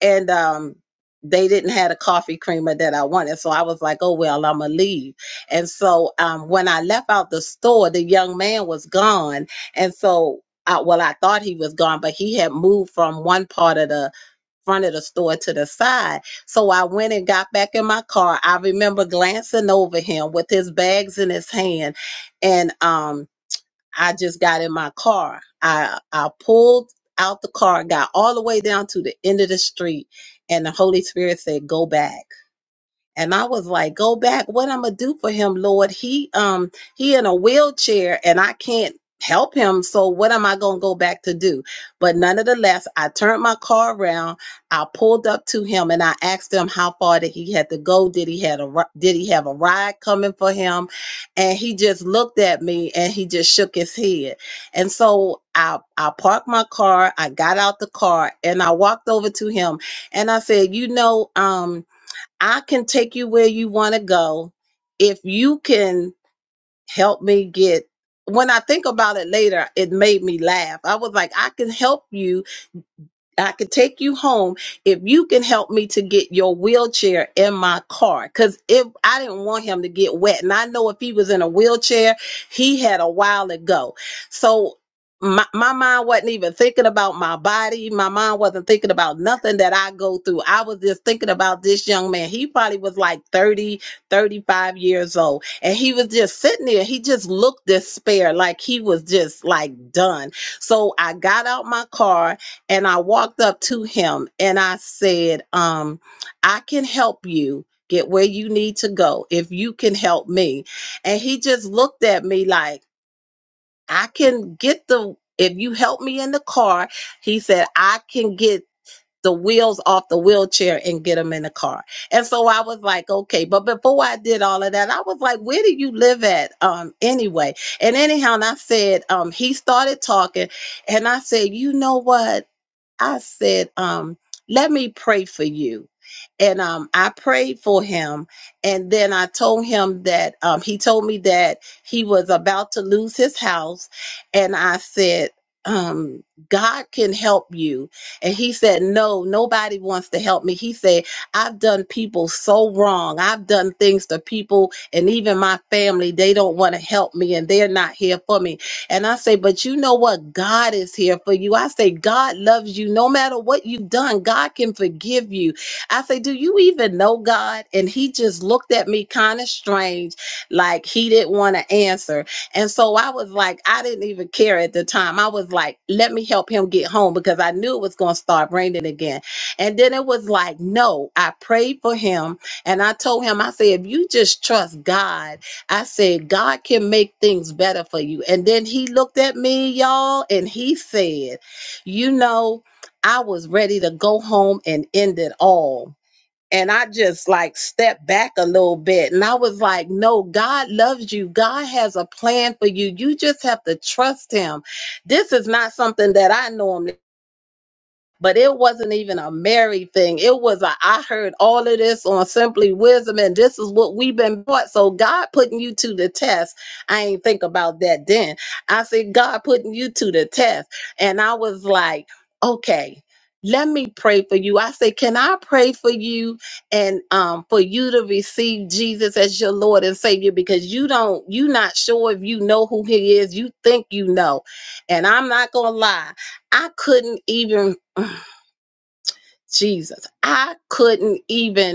and um they didn't have a coffee creamer that I wanted. So I was like, oh well, I'ma leave. And so um when I left out the store, the young man was gone. And so I well, I thought he was gone, but he had moved from one part of the front of the store to the side. So I went and got back in my car. I remember glancing over him with his bags in his hand and um I just got in my car. I I pulled out the car, got all the way down to the end of the street, and the Holy Spirit said, "Go back." and I was like, "Go back! What I'm gonna do for him, Lord? He um he in a wheelchair, and I can't help him. So what am I gonna go back to do?" But nonetheless, I turned my car around. I pulled up to him, and I asked him how far that he had to go. Did he had a ri- did he have a ride coming for him? And he just looked at me, and he just shook his head. And so I I parked my car. I got out the car, and I walked over to him, and I said, "You know, um." I can take you where you want to go if you can help me get when I think about it later, it made me laugh. I was like, I can help you I can take you home if you can help me to get your wheelchair in my car. Cause if I didn't want him to get wet. And I know if he was in a wheelchair, he had a while to go. So my, my mind wasn't even thinking about my body. My mind wasn't thinking about nothing that I go through. I was just thinking about this young man. He probably was like 30, 35 years old. And he was just sitting there. He just looked despair, like he was just like done. So I got out my car and I walked up to him and I said, um, I can help you get where you need to go if you can help me. And he just looked at me like, I can get the, if you help me in the car, he said, I can get the wheels off the wheelchair and get them in the car. And so I was like, okay. But before I did all of that, I was like, where do you live at um, anyway? And anyhow, and I said, um, he started talking and I said, you know what? I said, um, let me pray for you. And um, I prayed for him. And then I told him that um, he told me that he was about to lose his house. And I said, um, God can help you. And he said, No, nobody wants to help me. He said, I've done people so wrong. I've done things to people and even my family. They don't want to help me and they're not here for me. And I say, but you know what? God is here for you. I say, God loves you no matter what you've done. God can forgive you. I say, do you even know God? And he just looked at me kind of strange, like he didn't want to answer. And so I was like, I didn't even care at the time. I was like, let me help him get home because I knew it was going to start raining again. And then it was like, no, I prayed for him and I told him, I said, if you just trust God I said, God can make things better for you. And then he looked at me, y'all, and he said, You know, I was ready to go home and end it all. And I just like stepped back a little bit and I was like, No, God loves you. God has a plan for you. You just have to trust him. This is not something that I know. him but it wasn't even a married thing. It was a I heard all of this on Simply Wisdom, and this is what we've been taught. So God putting you to the test. I ain't think about that then. I said God putting you to the test, and I was like, okay. Let me pray for you. I say, can I pray for you and um, for you to receive Jesus as your Lord and Savior? Because you don't, you not sure if you know who He is. You think you know, and I'm not gonna lie. I couldn't even Jesus. I couldn't even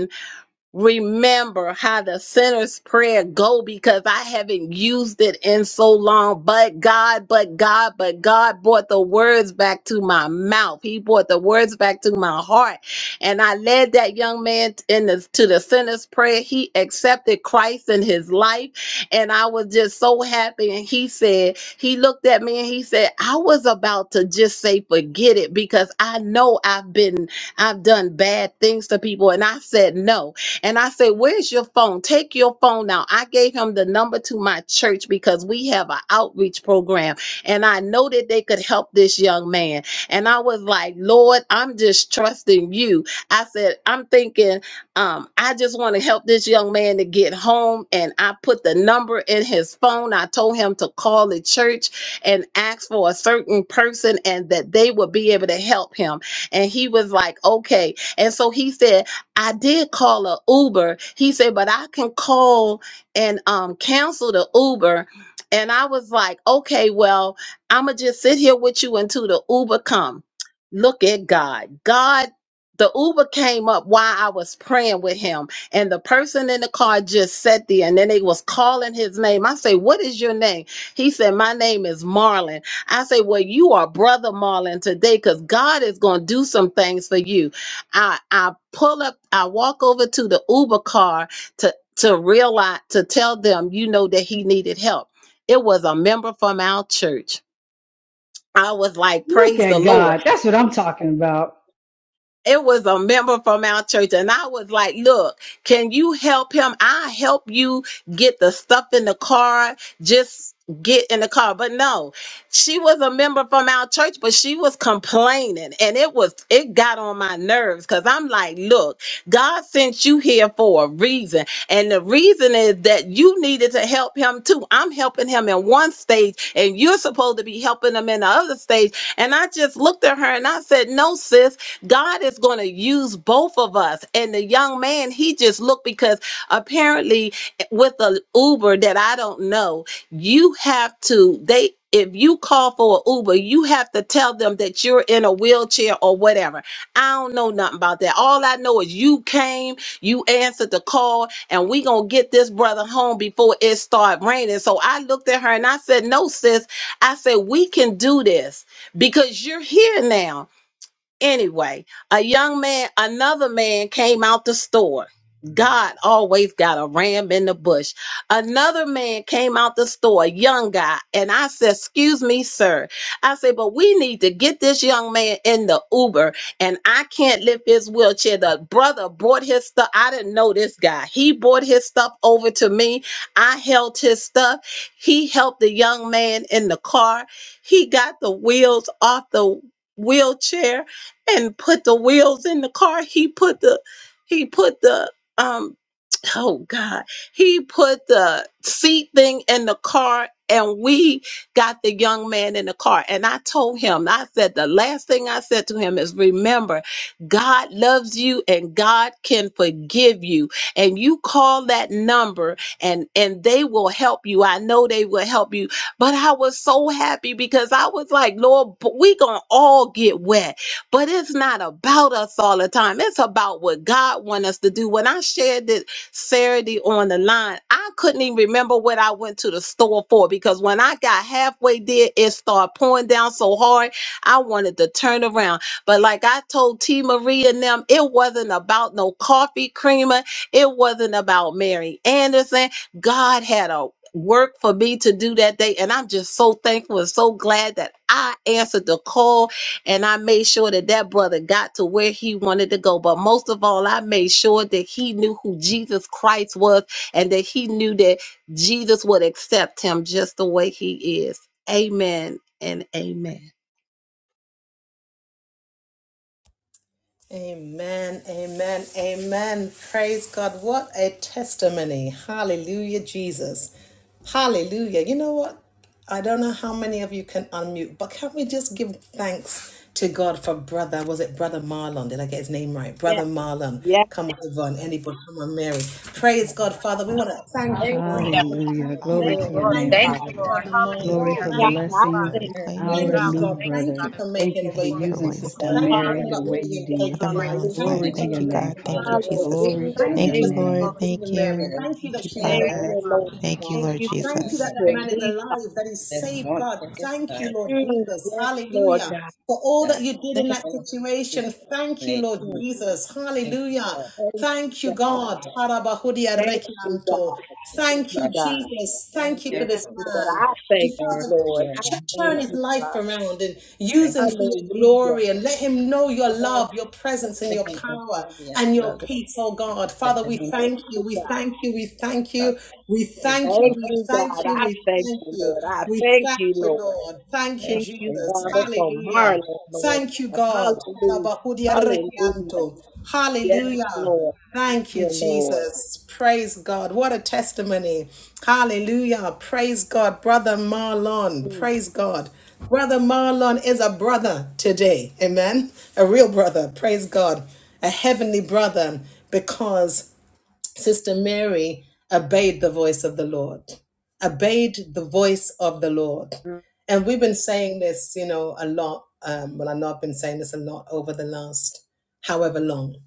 remember how the sinner's prayer go because I haven't used it in so long. But God, but God, but God brought the words back to my mouth. He brought the words back to my heart. And I led that young man in the, to the sinner's prayer. He accepted Christ in his life. And I was just so happy. And he said, he looked at me and he said, I was about to just say, forget it because I know I've been, I've done bad things to people. And I said, no, and I said, Where's your phone? Take your phone now. I gave him the number to my church because we have an outreach program. And I know that they could help this young man. And I was like, Lord, I'm just trusting you. I said, I'm thinking, um, I just want to help this young man to get home. And I put the number in his phone. I told him to call the church and ask for a certain person and that they would be able to help him. And he was like, Okay. And so he said. I did call a Uber. He said, but I can call and um, cancel the Uber. And I was like, okay, well, I'ma just sit here with you until the Uber come. Look at God. God, the Uber came up while I was praying with him, and the person in the car just sat there, and then they was calling his name. I say, what is your name? He said, my name is Marlon. I say, well, you are brother Marlon today, cause God is gonna do some things for you. I I pull up, I walk over to the Uber car to to realize to tell them, you know, that he needed help. It was a member from our church. I was like, Look praise the at Lord. God. That's what I'm talking about. it was a member from our church and i was like look can you help him i help you get the stuff in the car just get in the car but no she was a member from our church but she was complaining and it was it got on my nerves because i'm like look god sent you here for a reason and the reason is that you needed to help him too i'm helping him in one stage and you're supposed to be helping him in the other stage and i just looked at her and i said no sis God is going to use both of us. And the young man, he just looked because apparently eh, with a Uber that I don't know, you have to they if you call for an Uber, you have to tell them that you're in a wheelchair or whatever. I don't know nothing about that. All I know is you came, you answered the call, and we gonna get this brother home before it start raining. So I looked at her and I said, "No, sis. I said we can do this because you're here now. Anyway, a young man, another man came out the store. God always got a ram in the bush. Another man came out the store, a young guy, and I said, Excuse me, sir. I said, But we need to get this young man in the Uber, and I can't lift his wheelchair. The brother brought his stuff. I didn't know this guy. He brought his stuff over to me. I held his stuff. He helped the young man in the car. He got the wheels off the wheelchair and put the wheels in the car. He put the he put the um oh god he put the seat thing in the car and we got the young man in the car and i told him i said the last thing i said to him is remember god loves you and god can forgive you and you call that number and and they will help you i know they will help you but i was so happy because i was like lord but we gonna all get wet but it's not about us all the time. It's about what God wants us to do. When I shared this Saturday on the line, I couldn't even remember what I went to the store for because when I got halfway there, it started pouring down so hard, I wanted to turn around. But like I told T. Marie and them, it wasn't about no coffee creamer. It wasn't about Mary Anderson. God had a work for me to do that day and i'm just so thankful and so glad that i answered the call and I made sure that that brother got to where he wanted to go. But most of all, I made sure that he knew who Jesus Christ was and that he knew that Jesus would accept him just the way he is. Amen and amen. Amen, amen, amen. Praise God. What a testimony. Hallelujah, Jesus. Hallelujah. You know what? I don't know how many of you can unmute, but can't we just give thanks to God for brother? Was it brother Marlon? Did I get his name right? Brother Marlon. Come on, Yvonne. Anybody? Come on, Mary. Thank you, Praise Lord God, Father. We want to Jesus. thank you, Hallelujah. God. We Thank you, Hallelujah. thank you, Glory to Lord. Father. your Lord, Thank name, you thank for you, Father. Lord. brother Thank Marlon. Glory for Hallelujah. Thank Thank you, you you for blessing for Father. him. Third leader reclaiming Oh your Thank our you, God, we in new God. son. thank you, Thank brother. you Father. for We thank Thank making you a you, for Thank way you for Lord. for We using him. what thank Vision you you've for Sister South Brother done Thank you in Mary for Marvin. Carolina, the We not way letting you him thank take you did. Mother for his Christ. life. Marlin's Thank life. Glory In you and the to for name Thank your not you, of name, God. letting Jesus, him end Thank Lord, you, it Father. we all. Jesus. Thank thank Glory you, you to for Thank you your Thank God. for you, Lord. name. sending Sister Thank Hallelujah. Mary. you. that Thank you Thank that you, she was seal Thank in you, Father. his available heart to Father. you, Thank Thank you, God. that Lord you. Thank you you Hallelujah. Jesus. that love that Thank him, you, man is Jesus. alive, that he's that he saved, wants God. to his Thank you, life Lord and Jesus. Hallelujah. For all God. that you did in that Thank you, situation. Thank you, Lord Father. Jesus. Thank you, Hallelujah. Thank you, God. Father. Harabahudia rekianto. Thank you, Thank Father. you, Jesus. Thank Thank you for you, this Lord. God. man. And Glory Father, to your name, ch- turn his Father. life around and use Thank him you. for your glory and let him know your love, your presence, and your Being power obedient, and your Father, peace, oh God. in Father, the we name thank you. We of thank you. We thank God, you. We give thank you you. all We thank you. the We thank you. glory We thank you, Lord. Lord. Thank you, and all the Jesus. name. Hallelujah. Thank you, God. Hallelujah. Thank you, Jesus. Praise God. What a testimony. Hallelujah. Praise God. Brother Marlon. Praise God. Brother Marlon is a brother today. Amen. A real brother. Praise God. A heavenly brother because Sister Mary obeyed the voice of the Lord, obeyed the voice of the Lord. And we've been saying this, you know, a lot. Um, well, I know I've been saying this a lot over the last however long.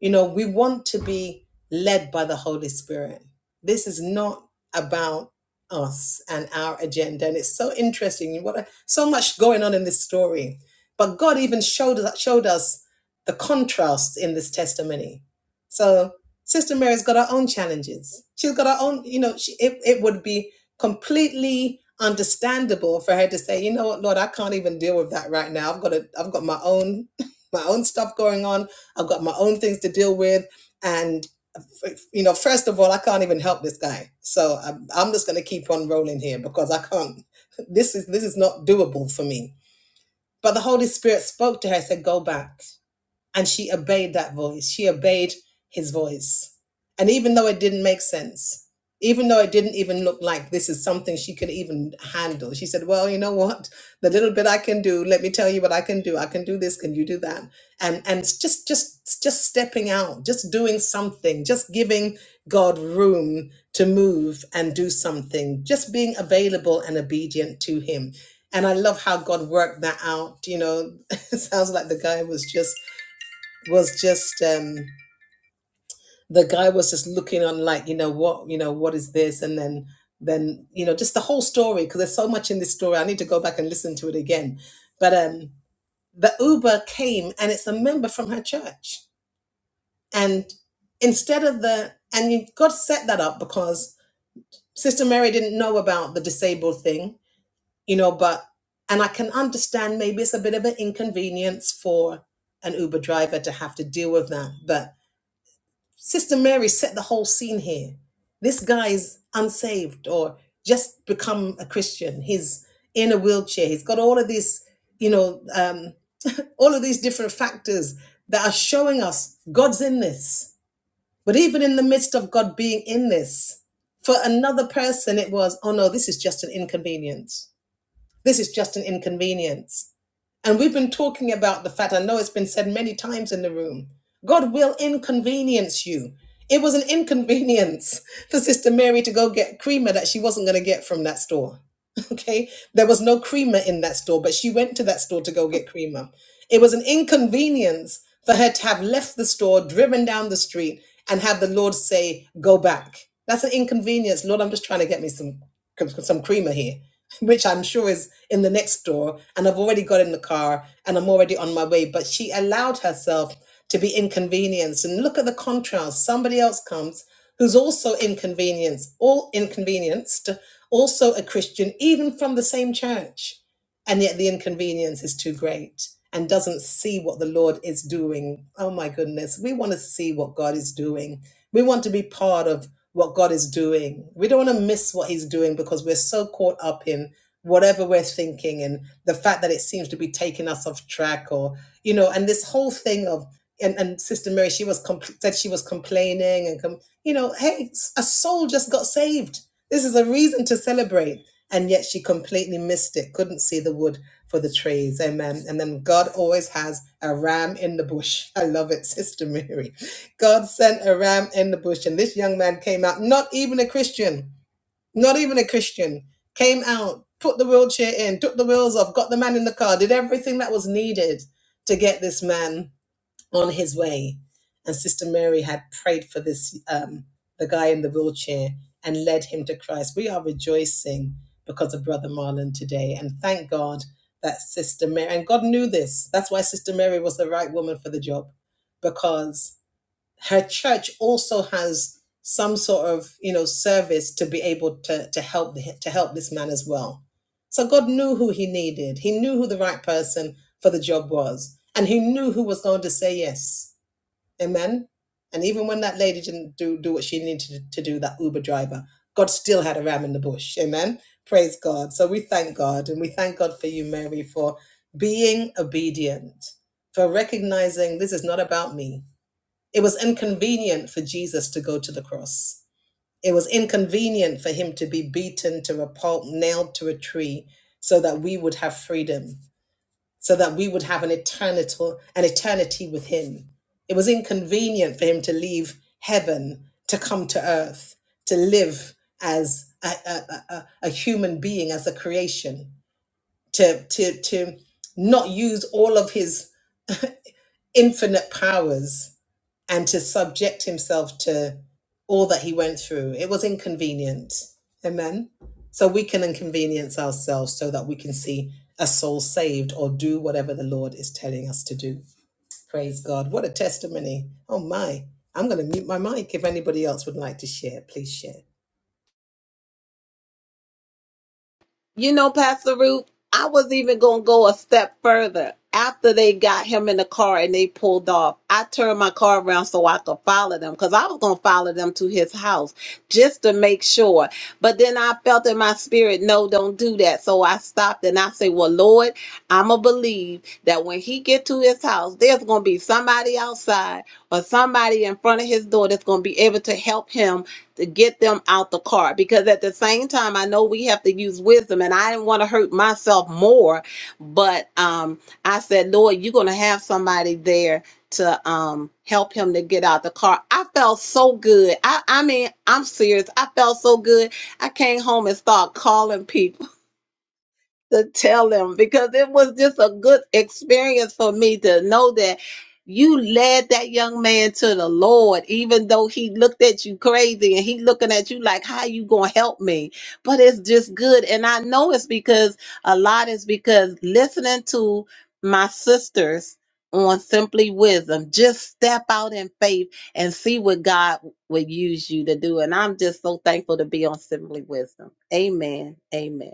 You know, we want to be led by the Holy Spirit. This is not about us and our agenda. And it's so interesting. What a, so much going on in this story. But God even showed us showed us the contrast in this testimony. So Sister Mary's got her own challenges. She's got her own, you know, she, it, it would be completely understandable for her to say, you know what, Lord, I can't even deal with that right now. I've got a, I've got my own my own stuff going on I've got my own things to deal with. And, you know, first of all, I can't even help this guy. So I'm, I'm just going to keep on rolling here because I can't, this is, this is not doable for me. But the Holy Spirit spoke to her, and said, go back and she obeyed that voice. She obeyed his voice. And even though it didn't make sense, even though it didn't even look like this is something she could even handle, she said, Well, you know what? The little bit I can do, let me tell you what I can do. I can do this, can you do that? And and it's just just just stepping out, just doing something, just giving God room to move and do something, just being available and obedient to him. And I love how God worked that out. You know, it sounds like the guy was just was just um the guy was just looking on like you know what you know what is this and then then you know just the whole story because there's so much in this story i need to go back and listen to it again but um the uber came and it's a member from her church and instead of the and you god set that up because sister mary didn't know about the disabled thing you know but and i can understand maybe it's a bit of an inconvenience for an uber driver to have to deal with that but Sister Mary set the whole scene here. This guy is unsaved or just become a Christian. He's in a wheelchair. He's got all of these, you know, um, all of these different factors that are showing us God's in this. But even in the midst of God being in this, for another person, it was, oh no, this is just an inconvenience. This is just an inconvenience. And we've been talking about the fact, I know it's been said many times in the room, God will inconvenience you. It was an inconvenience for Sister Mary to go get creamer that she wasn't going to get from that store. Okay. There was no creamer in that store, but she went to that store to go get creamer. It was an inconvenience for her to have left the store, driven down the street, and have the Lord say, Go back. That's an inconvenience. Lord, I'm just trying to get me some some creamer here, which I'm sure is in the next door, And I've already got in the car and I'm already on my way. But she allowed herself to be inconvenienced. And look at the contrast. Somebody else comes who's also inconvenienced, all inconvenienced, also a Christian, even from the same church and yet the inconvenience is too great and doesn't see what the Lord is doing. Oh my goodness, we want to see what God is doing. We want to be part of what God is doing. We don't want to miss what He's doing because we're so caught up in whatever we're thinking and the fact that it seems to be taking us off track or, you know, and this whole thing of, and, and Sister Mary, she was compl- said she was complaining and, com- you know, hey, a soul just got saved this is a reason to celebrate. And yet she completely missed it, couldn't see the wood for the trees. Amen. And then God always has a ram in the bush. I love it, Sister Mary. God sent a ram in the bush, and this young man came out, not even a Christian, not even a Christian, came out, put the wheelchair in, took the wheels off, got the man in the car, did everything that was needed to get this man on his way. And Sister Mary had prayed for this, um, the guy in the wheelchair, and led him to Christ. We are rejoicing because of Brother Marlon today. And thank God that Sister Mary, and God knew this. That's why Sister Mary was the right woman for the job, because her church also has some sort of you know service to be able to to help to help this man as well so god knew who he needed he knew who the right person for the job was and he knew who was going to say yes amen and even when that lady didn't do do what she needed to do that uber driver god still had a ram in the bush amen praise god so we thank god and we thank god for you mary for being obedient for recognizing this is not about me it was inconvenient for Jesus to go to the cross. It was inconvenient for him to be beaten to a pulp, nailed to a tree, so that we would have freedom, so that we would have an eternity, an eternity with him. It was inconvenient for him to leave heaven to come to earth, to live as a, a, a, a a human being, as a creation, to, to, to not use all of his infinite powers and to subject himself to all that he went through. It was inconvenient. Amen. So we can inconvenience ourselves so that we can see a soul saved or do whatever the Lord is telling us to do. Praise God. What a testimony. Oh my. I'm going to mute my mic. If anybody else would like to share, please share. You know, Pastor Ruth, I was even going to go a step further. After they got him in the car and they pulled off, I turned my car around so I could follow them because I was going to follow them to his house just to make sure. But then I felt in my spirit, no, don't do that. So I stopped and I said, well, Lord, I'm going to believe that when he get to his house, there's going to be somebody outside or somebody in front of his door that's going to be able to help him to get them out the car because at the same time i know we have to use wisdom and i didn't want to hurt myself more but um i said lord you're gonna have somebody there to um help him to get out the car i felt so good i i mean i'm serious i felt so good i came home and started calling people to tell them because it was just a good experience for me to know that you led that young man to the Lord, even though he looked at you crazy and he looking at you like, how you gonna help me? But it's just good. And I know it's because a lot is because listening to my sisters on Simply Wisdom, just step out in faith and see what God would use you to do. And I'm just so thankful to be on Simply Wisdom. Amen. Amen.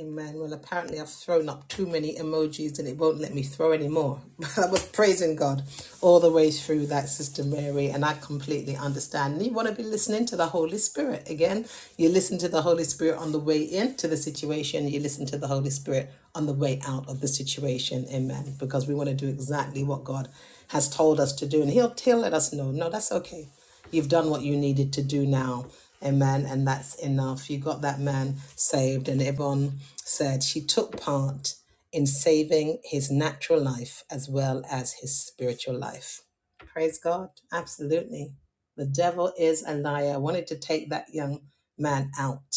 Amen. Well, apparently I've thrown up too many emojis and it won't let me throw any more. I was praising God all the way through that, Sister Mary, and I completely understand. And you want to be listening to the Holy Spirit. Again, you listen to the Holy Spirit on the way into the situation, you listen to the Holy Spirit on the way out of the situation. Amen. Because we want to do exactly what God has told us to do. And He'll, he'll let us know, no, that's okay. You've done what you needed to do now. Amen. And that's enough. You got that man saved. And Yvonne said she took part in saving his natural life as well as his spiritual life. Praise God. Absolutely. The devil is a liar. I wanted to take that young man out,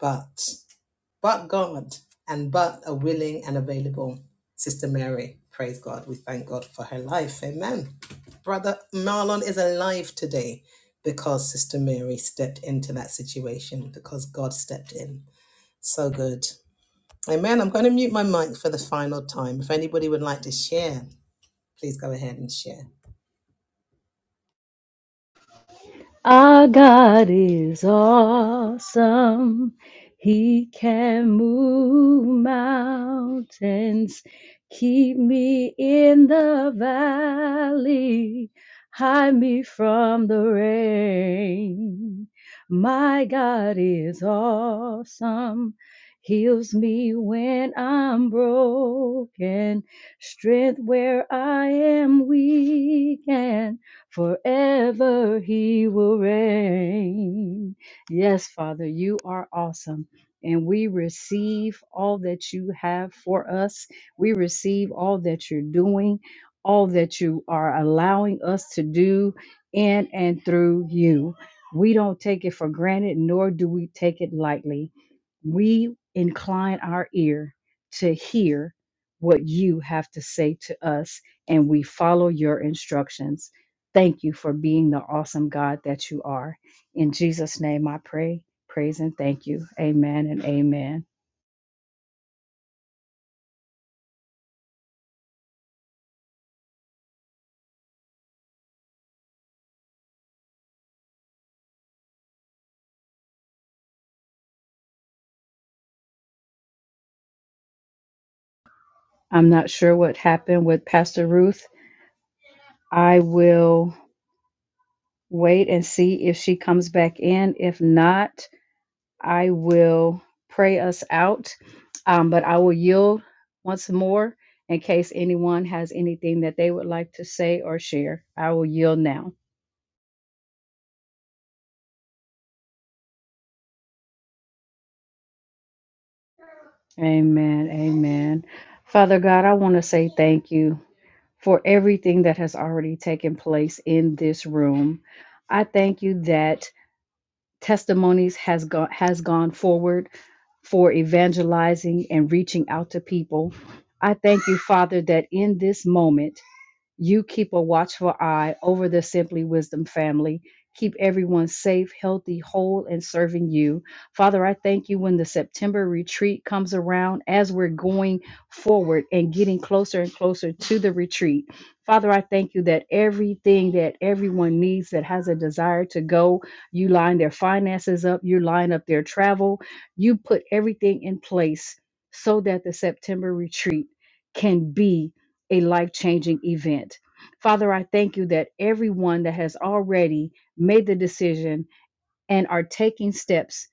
but but God, and but a willing and available Sister Mary. Praise God. We thank God for her life. Amen. Brother Marlon is alive today because Sister Mary stepped into that situation, because God stepped in. So good. Amen. I'm going to mute my mic for the final time. If anybody would like to share, please go ahead and share. Our God is awesome. He can move mountains, keep me in the valley, hide me from the rain. My God is awesome. Heals me when I'm broken, strength where I am weak, and. Forever he will reign. Yes, Father, you are awesome. And we receive all that you have for us. We receive all that you're doing, all that you are allowing us to do in and through you. We don't take it for granted, nor do we take it lightly. We incline our ear to hear what you have to say to us, and we follow your instructions. Thank you for being the awesome God that you are. In Jesus' name I pray, praise, and thank you. Amen and amen. I'm not sure what happened with Pastor Ruth. I will wait and see if she comes back in. If not, I will pray us out. Um, but I will yield once more in case anyone has anything that they would like to say or share. I will yield now. Amen. Amen. Father God, I want to say thank you. for everything that has already taken place in this room. I thank you that testimonies has gone has gone forward for evangelizing and reaching out to people. I thank you, Father, that in this moment you keep a watchful eye over the Simply Wisdom family. Keep everyone safe, healthy, whole, and serving you. Father, I thank you when the September retreat comes around as we're going forward and getting closer and closer to the retreat. Father, I thank you that everything that everyone needs that has a desire to go, you line their finances up, you line up their travel, you put everything in place so that the September retreat can be a life changing event. Father, I thank you that everyone that has already made the decision and are taking steps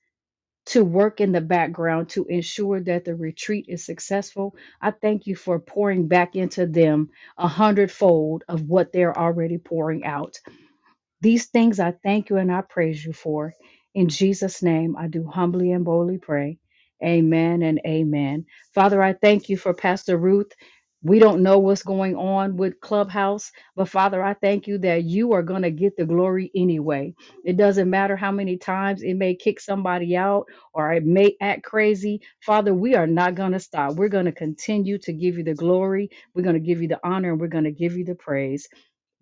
to work in the background to ensure that the retreat is successful, I thank you for pouring back into them a hundredfold of what they're already pouring out. These things I thank you and I praise you for. In Jesus' name, I do humbly and boldly pray. Amen and amen. Father, I thank you for Pastor Ruth. We don't know what's going on with Clubhouse, but Father, I thank you that you are going to get the glory anyway. It doesn't matter how many times it may kick somebody out or it may act crazy. Father, we are not going to stop. We're going to continue to give you the glory. We're going to give you the honor and we're going to give you the praise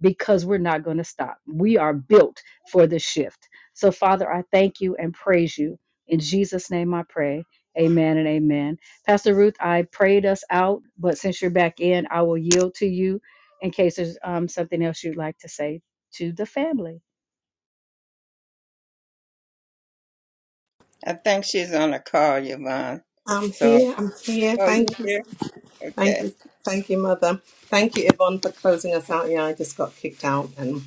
because we're not going to stop. We are built for the shift. So, Father, I thank you and praise you. In Jesus' name I pray. Amen and amen. Pastor Ruth, I prayed us out, but since you're back in, I will yield to you in case there's um, something else you'd like to say to the family. I think she's on a call, Yvonne. I'm So, here. I'm here. oh, you Thank you. here? Okay. Thank you. Thank you, Mother. Thank you, Yvonne, for closing us out. Yeah, I just got kicked out, and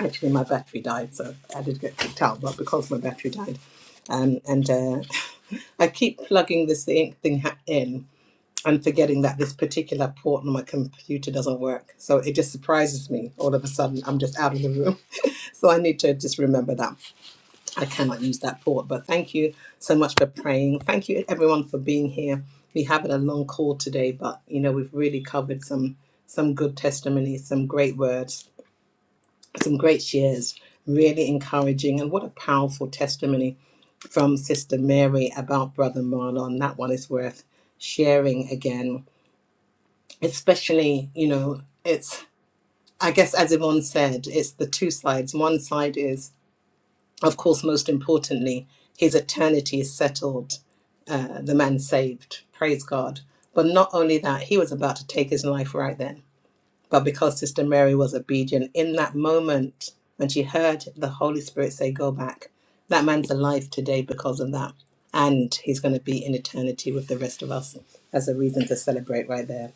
actually, my battery died, so I did get kicked out, but because my battery died, um, and uh, I keep plugging this thing, thing ha- in, and forgetting that this particular port on my computer doesn't work. So it just surprises me. All of a sudden, I'm just out of the room. so I need to just remember that I cannot use that port. But thank you so much for praying. Thank you, everyone, for being here. We have a long call today, but you know we've really covered some some good testimonies, some great words, some great shares. Really encouraging, and what a powerful testimony from Sister Mary about Brother Marlon. That one is worth sharing again especially you know it's i guess as yvonne said it's the two sides one side is of course most importantly his eternity is settled Uh, the man saved praise god but not only that he was about to take his life right then but because sister mary was obedient in that moment when she heard the holy spirit say go back that man's alive today because of that and he's going to be in eternity with the rest of us as a reason to celebrate right there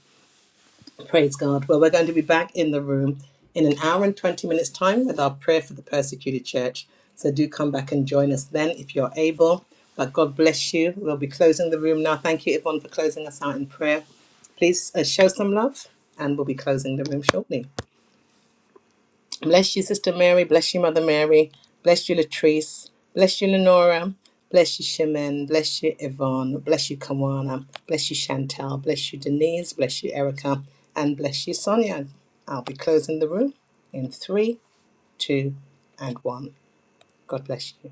Praise God. Well, we're going to be back in the room in an hour and 20 minutes' time with our prayer for the persecuted church. So do come back and join us then if you're able. But God bless you. We'll be closing the room now. Thank you, Yvonne, for closing us out in prayer. Please uh, show some love, and we'll be closing the room shortly. Bless you, Sister Mary. Bless you, Mother Mary. Bless you, Latrice. Bless you, Lenora. Bless you, Shemin. Bless you, Yvonne. Bless you, Kawana. Bless you, Chantal. Bless you, Denise. Bless you, Erica. And bless you, Sonia. I'll be closing the room in three, two, and one. God bless you.